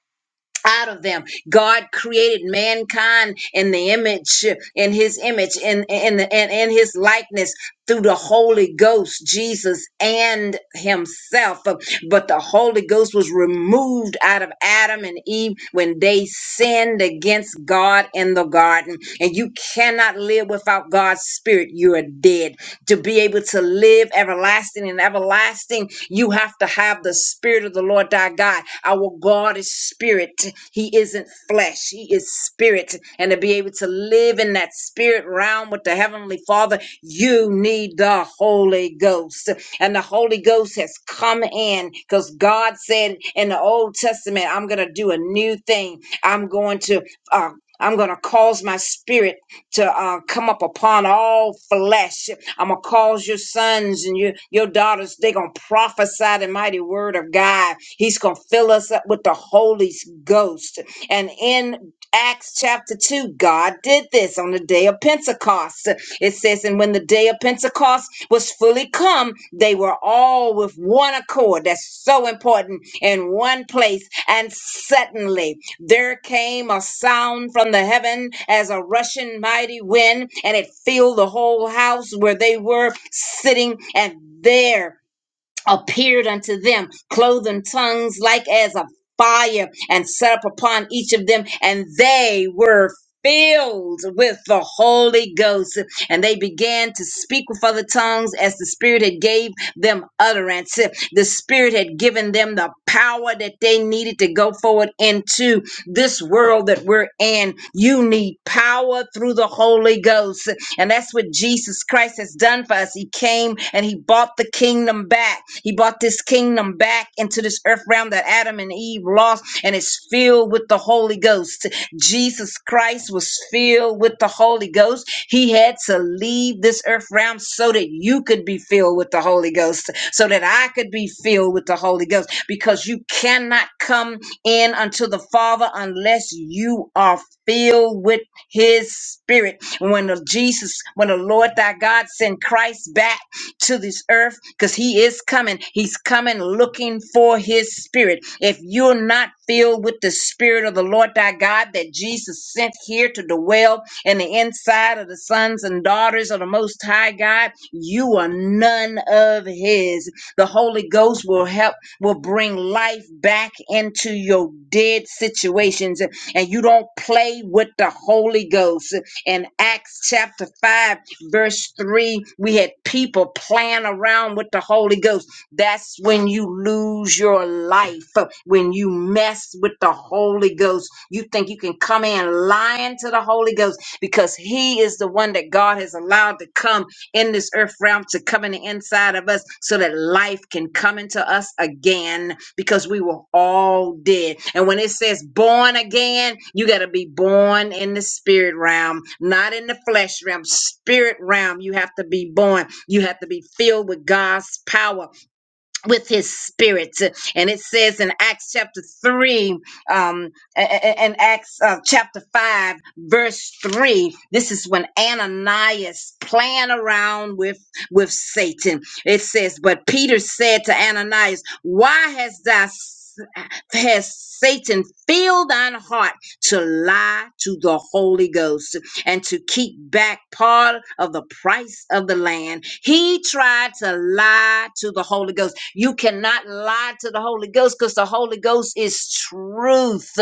out of them. God created mankind in the image, in his image, in in the in, in his likeness through the Holy Ghost, Jesus and himself. But the Holy Ghost was removed out of Adam and Eve when they sinned against God in the garden. And you cannot live without God's spirit. You are dead to be able to live everlasting and everlasting, you have to have the spirit of the Lord thy God. Our God is spirit. He isn't flesh. He is spirit. And to be able to live in that spirit realm with the heavenly Father, you need the Holy Ghost. And the Holy Ghost has come in because God said in the Old Testament, I'm going to do a new thing. I'm going to uh, I'm going to cause my spirit to uh, come up upon all flesh. I'm gonna cause your sons and your your daughters. They're gonna prophesy the mighty word of God. He's gonna fill us up with the Holy Ghost. And in Acts chapter 2, God did this on the day of Pentecost. It says, And when the day of Pentecost was fully come, they were all with one accord. That's so important in one place. And suddenly there came a sound from the heaven as a rushing mighty wind, and it filled the whole house where they were sitting. And there appeared unto them, clothed in tongues like as of fire, and set up upon each of them, and they were filled with the Holy Ghost, and they began to speak with other tongues as the Spirit had gave them utterance. The Spirit had given them the power that they needed to go forward into this world that we're in. You need power through the Holy Ghost. And that's what Jesus Christ has done for us. He came and he bought the kingdom back. He bought this kingdom back into this earth realm that Adam and Eve lost, and it's filled with the Holy Ghost. Jesus Christ was filled with the Holy Ghost. He had to leave this earth realm so that you could be filled with the Holy Ghost, so that I could be filled with the Holy Ghost, because you cannot come in unto the Father unless you are filled with his spirit when the Jesus, when the Lord thy God sent Christ back to this earth, because he is coming, he's coming looking for his spirit. If you're not filled with the spirit of the Lord thy God that Jesus sent here to dwell in the inside of the sons and daughters of the Most High God, you are none of his. The Holy Ghost will help, will bring life back into your dead situations, and you don't play with the Holy Ghost. In Acts chapter 5, verse 3, we had people playing around with the Holy Ghost. That's when you lose your life, when you mess with the Holy Ghost. You think you can come in lying to the Holy Ghost because He is the one that God has allowed to come in this earth realm to come in the inside of us so that life can come into us again because we were all dead. And when it says born again, you got to be born in the spirit realm, not in the flesh realm, spirit realm. You have to be born. You have to be filled with God's power with his spirit and it says in acts chapter 3 um and acts uh, chapter 5 verse 3 this is when ananias playing around with with satan it says but peter said to ananias why has thou s- has Satan filled thine heart to lie to the Holy Ghost and to keep back part of the price of the land? He tried to lie to the Holy Ghost. You cannot lie to the Holy Ghost because the Holy Ghost is truth.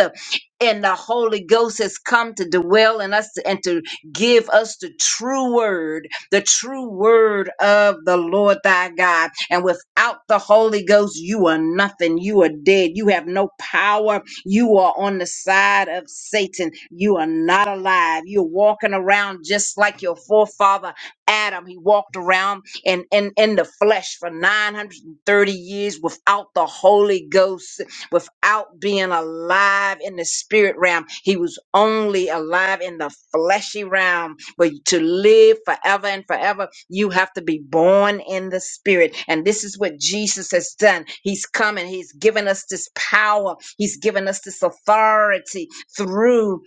And the Holy Ghost has come to dwell in us and to give us the true word, the true word of the Lord thy God. And without the Holy Ghost, you are nothing. You are dead. You have no power. You are on the side of Satan. You are not alive. You're walking around just like your forefather Adam. He walked around in, in, in the flesh for 900 one hundred 30 years without the Holy Ghost, without being alive in the spirit realm. He was only alive in the fleshy realm. But to live forever and forever, you have to be born in the spirit. And this is what Jesus has done. He's come and he's given us this power, he's given us this authority through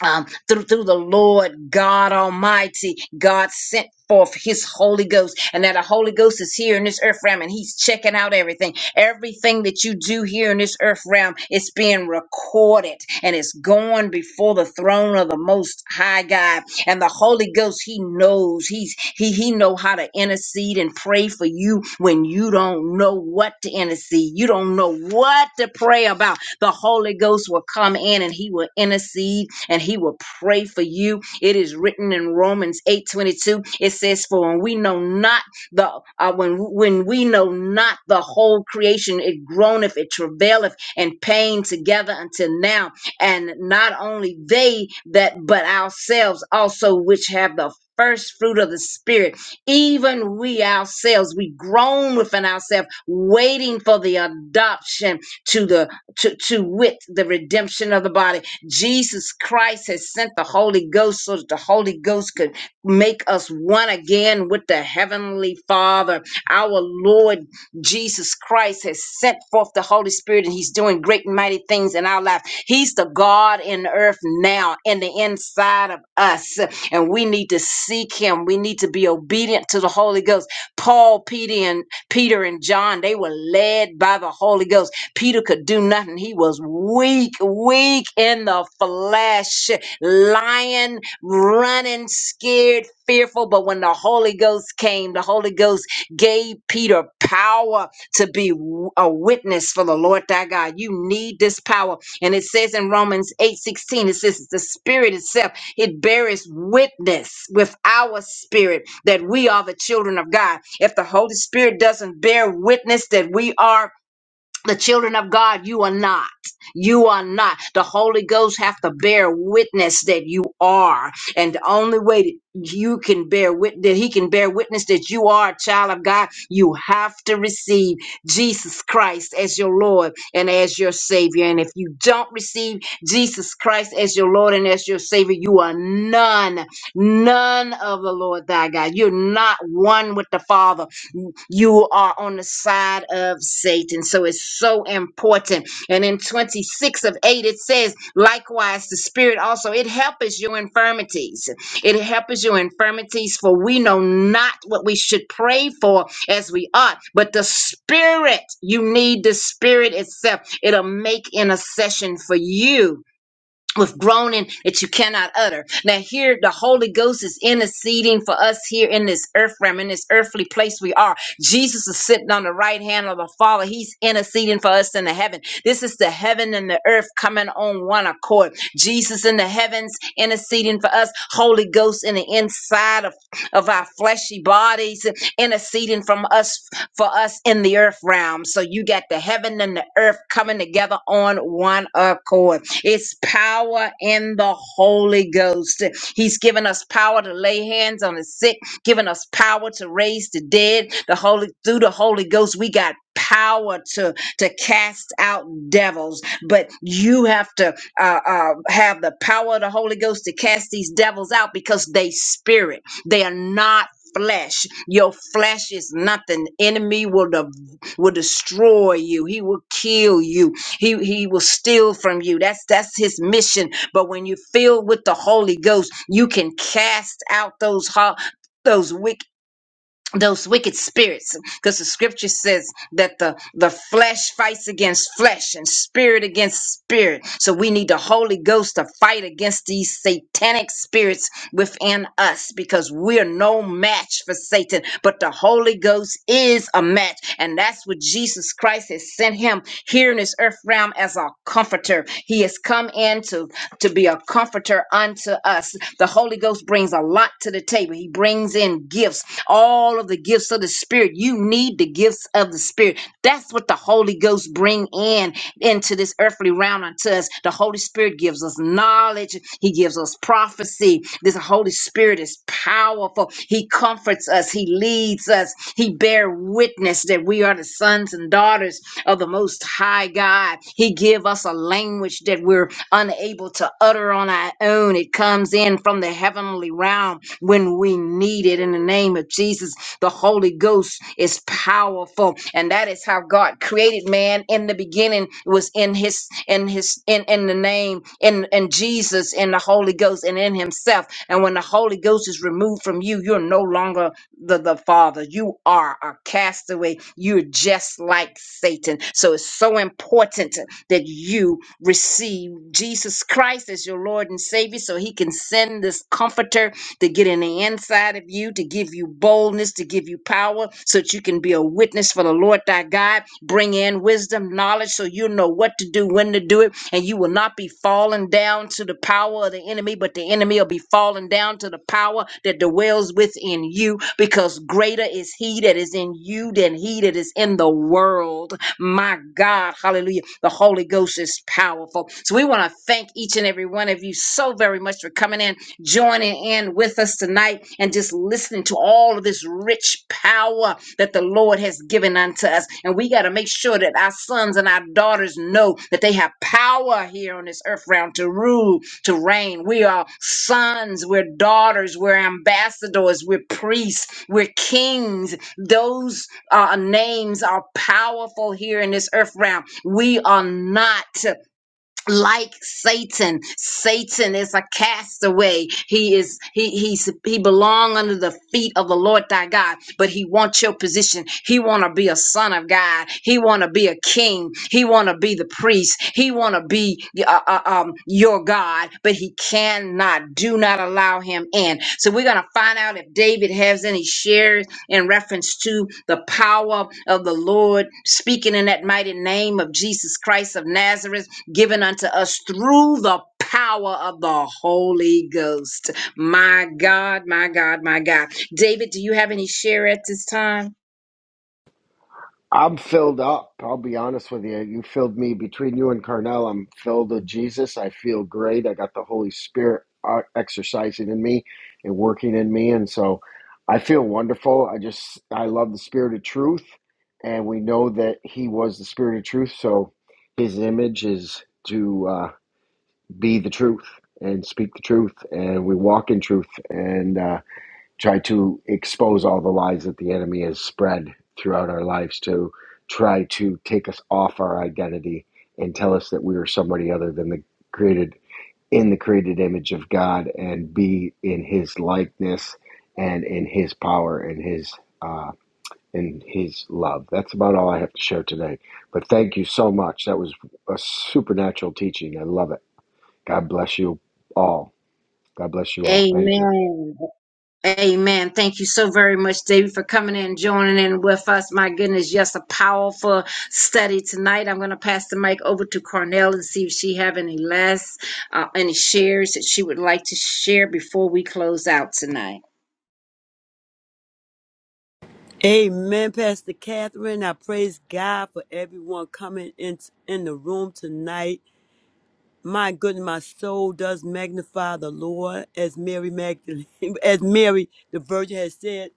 um, through, through the Lord God Almighty. God sent forth his Holy Ghost, and that the Holy Ghost is here in this earth realm, and he's checking out everything. Everything that you do here in this earth realm, it's being recorded and it's going before the throne of the most high God. And the Holy Ghost, he knows he's he he know how to intercede and pray for you when you don't know what to intercede. You don't know what to pray about the Holy Ghost will come in and he will intercede and he will pray for you. It is written in Romans 8:22. It says, For when we know not the uh, when when we know not the whole creation, it groaneth, it travaileth and pain together until now. And not only they that but ourselves also which have the first fruit of the spirit even we ourselves we groan within ourselves waiting for the adoption to the to, to wit the redemption of the body. Jesus Christ has sent the Holy Ghost so that the Holy Ghost could make us one again with the Heavenly Father. Our Lord Jesus Christ has sent forth the Holy Spirit and He's doing great and mighty things in our life. He's the God in earth now, in the inside of us. And we need to seek Him. We need to be obedient to the Holy Ghost. Paul, Peter, and Peter and John, they were led by the Holy Ghost Peter could do nothing. He was weak, weak in the flesh, lying, running, scared, fearful. But when the Holy Ghost came, the Holy Ghost gave Peter power to be w- a witness for the Lord thy God. You need this power. And it says in Romans eight sixteen, it says the spirit itself, it bears witness with our spirit that we are the children of God. If the Holy Spirit doesn't bear witness that we are the children of God, you are not. You are not. The Holy Ghost have to bear witness that you are. And the only way that you can bear witness, that he can bear witness that you are a child of God, you have to receive Jesus Christ as your Lord and as your Savior. And if you don't receive Jesus Christ as your Lord and as your Savior, you are none, none of the Lord thy God. You're not one with the Father you are on the side of Satan. So it's so important. And in 26 of 8, it says, likewise, the Spirit also, it helps your infirmities. It helps your infirmities, for we know not what we should pray for as we ought, but the Spirit, you need the Spirit itself. It'll make intercession for you with groaning that you cannot utter. Now here the Holy Ghost is interceding for us here in this earth realm, in this earthly place we are. Jesus is sitting on the right hand of the Father. He's interceding for us in the heaven. This is the heaven and the earth coming on one accord. Jesus in the heavens interceding for us. Holy Ghost in the inside of, of our fleshy bodies interceding from us for us in the earth realm. So you got the heaven and the earth coming together on one accord. It's power in the Holy Ghost. He's given us power to lay hands on the sick, given us power to raise the dead. The Holy through the Holy Ghost, we got power to to cast out devils. But you have to uh, uh, have the power of the Holy Ghost to cast these devils out because they spirit. They are not flesh your flesh is nothing enemy will de- will destroy you he will kill you he he will steal from you. That's that's his mission. But when you filled with the Holy Ghost, you can cast out those ho- those wicked those wicked spirits because the scripture says that the the flesh fights against flesh and spirit against spirit so we need the holy ghost to fight against these satanic spirits within us because we're no match for satan but the holy ghost is a match and that's what jesus christ has sent him here in this earth realm as our comforter he has come in to to be a comforter unto us. The Holy Ghost brings a lot to the table. He brings in gifts, all of the gifts of the Spirit. You need the gifts of the Spirit. That's what the Holy Ghost bring in into this earthly realm unto us. The Holy Spirit gives us knowledge. He gives us prophecy. This Holy Spirit is powerful. He comforts us. He leads us. He bear witness that we are the sons and daughters of the Most High God. He give us a language that we're unable to utter on our own. It comes in from the heavenly realm when we need it. In the name of Jesus, the Holy Ghost is powerful, and that is how God created man in the beginning. It was in His, in His, in in the name, in in Jesus, in the Holy Ghost, and in Himself. And when the Holy Ghost is removed from you, you're no longer the, the father. You are a castaway. You're just like Satan. So it's so important that you receive Jesus Christ as your Lord and Savior so He can send this comforter to get in the inside of you, to give you boldness, to give you power, so that you can be a witness for the Lord thy God. Bring in wisdom, knowledge, so you know what to do, when to do it, and you will not be falling down to the power of the enemy, but the enemy will be falling down to the power that dwells within you, because greater is he that is in you than he that is in the world. My God, hallelujah. The Holy Ghost is powerful. So we want to thank each and every one of you so very much for coming in, joining in with us tonight, and just listening to all of this rich power that the Lord has given unto us. And we got to make sure that our sons and our daughters know that they have power here on this earth round to rule, to reign. We are sons, we're daughters, we're ambassadors, we're priests, we're kings, those our names are powerful here in this earth realm. We are not like Satan. Satan is a castaway. He is he he's he belong under the feet of the Lord thy God, but he wants your position. He wanna be a son of God. He wanna be a king. He wanna be the priest. He wanna be uh, uh, um your God, but he cannot. Do not allow him in. So we're gonna find out if David has any shares in reference to the power of the Lord speaking in that mighty name of Jesus Christ of Nazareth given unto us through the power of the Holy Ghost. My God, my God, my God. David, do you have any share at this time?
I'm filled up. I'll be honest with you. You filled me between you and Carnell. I'm filled with Jesus. I feel great. I got the Holy Spirit uh, exercising in me and working in me. And so I feel wonderful. I just, I love the Spirit of truth. And we know that He was the Spirit of truth. So His image is to uh, be the truth and speak the truth. And we walk in truth. And, uh, try to expose all the lies that the enemy has spread throughout our lives to try to take us off our identity and tell us that we are somebody other than the created in the created image of God and be in his likeness and in his power and his uh in his love. That's about all I have to share today. But thank you so much. That was a supernatural teaching. I love it. God bless you all. God bless you all. Thank you.
Amen. Amen. Thank you so very much, David, for coming in and joining in with us. My goodness, yes, a powerful study tonight. I'm going to pass the mic over to Cornell and see if she have any less, uh, any shares that she would like to share before we close out tonight.
Amen, Pastor Catherine. I praise God for everyone coming in, in the room tonight. My goodness, my soul does magnify the Lord, as Mary Magdalene, as Mary the Virgin has said.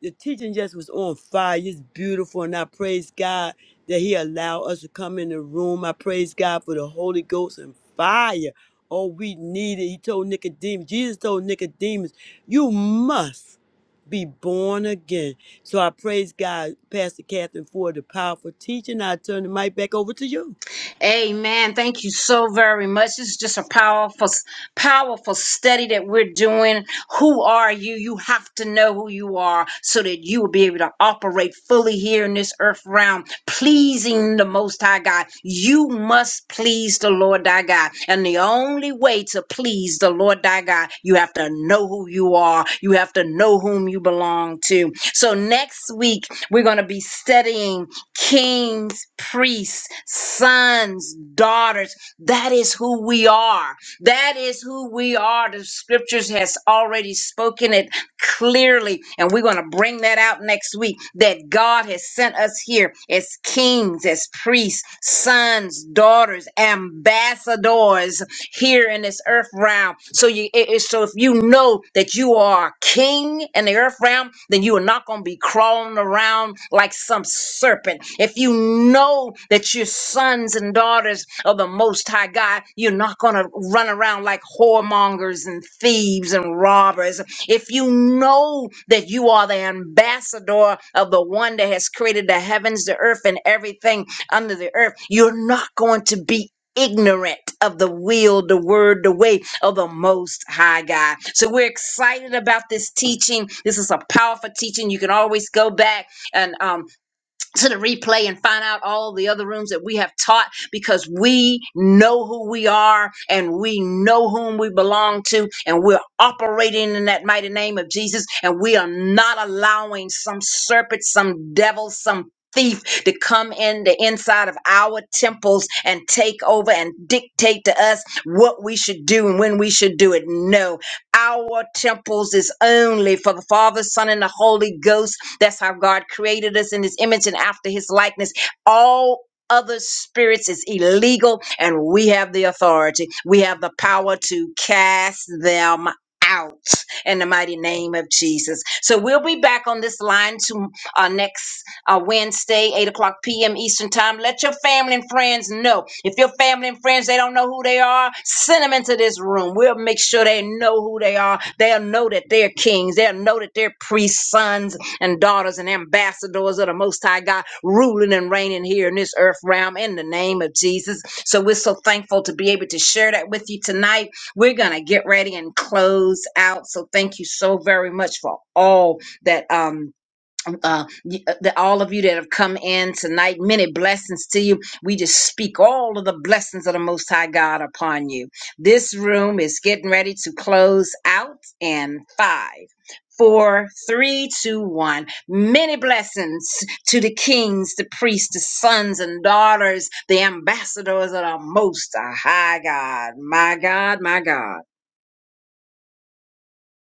the teaching just was on fire. It's beautiful, and I praise God that He allowed us to come in the room. I praise God for the Holy Ghost and fire. Oh, we need it. He told Nicodemus. Jesus told Nicodemus, "You must be born again." So I praise God, Pastor Catherine, for the powerful teaching. I turn the mic back over to you.
Amen. Thank you so very much. It's just a powerful, powerful study that we're doing. Who are you? You have to know who you are so that you will be able to operate fully here in this earth realm, pleasing the Most High God. You must please the Lord thy God. And the only way to please the Lord thy God, you have to know who you are. You have to know whom you belong to. So next week, we're going to be studying kings, priests, sons, daughters. That is who we are. That is who we are. The scriptures has already spoken it clearly, and we're going to bring that out next week that God has sent us here as kings, as priests, sons, daughters, ambassadors here in this earth realm. So you it, it- so if you know that you are king in the earth realm, then you are not going to be crawling around like some serpent. If you know that you're sons and daughters of the Most High God, you're not going to run around like whoremongers and thieves and robbers. If you know that you are the ambassador of the one that has created the heavens, the earth, and everything under the earth, you're not going to be ignorant of the will, the word, the way of the Most High God. So we're excited about this teaching. This is a powerful teaching. You can always go back and um, to the replay and find out all the other rooms that we have taught because we know who we are and we know whom we belong to and we're operating in that mighty name of Jesus and we are not allowing some serpent, some devil, some thief to come in the inside of our temples and take over and dictate to us what we should do and when we should do it. No, our temples is only for the Father, Son, and the Holy Ghost that's how God created us in his image and after his likeness. All other spirits is illegal, and we have the authority. We have the power to cast them out in the mighty name of Jesus. So we'll be back on this line to uh, next uh, Wednesday, 8 o'clock p.m. Eastern Time. Let your family and friends know. If your family and friends, they don't know who they are, send them into this room. We'll make sure they know who they are. They'll know that they're kings. They'll know that they're priests, sons, and daughters and ambassadors of the Most High God, ruling and reigning here in this earth realm in the name of Jesus. So we're so thankful to be able to share that with you tonight. We're going to get ready and close out. So thank you so very much for all that. Um, uh, y- uh, the, all of you that have come in tonight. Many blessings to you. We just speak all of the blessings of the Most High God upon you. This room is getting ready to close out in five, four, three, two, one. Many blessings to the kings, the priests, the sons and daughters, the ambassadors of the Most High God. My God, my God.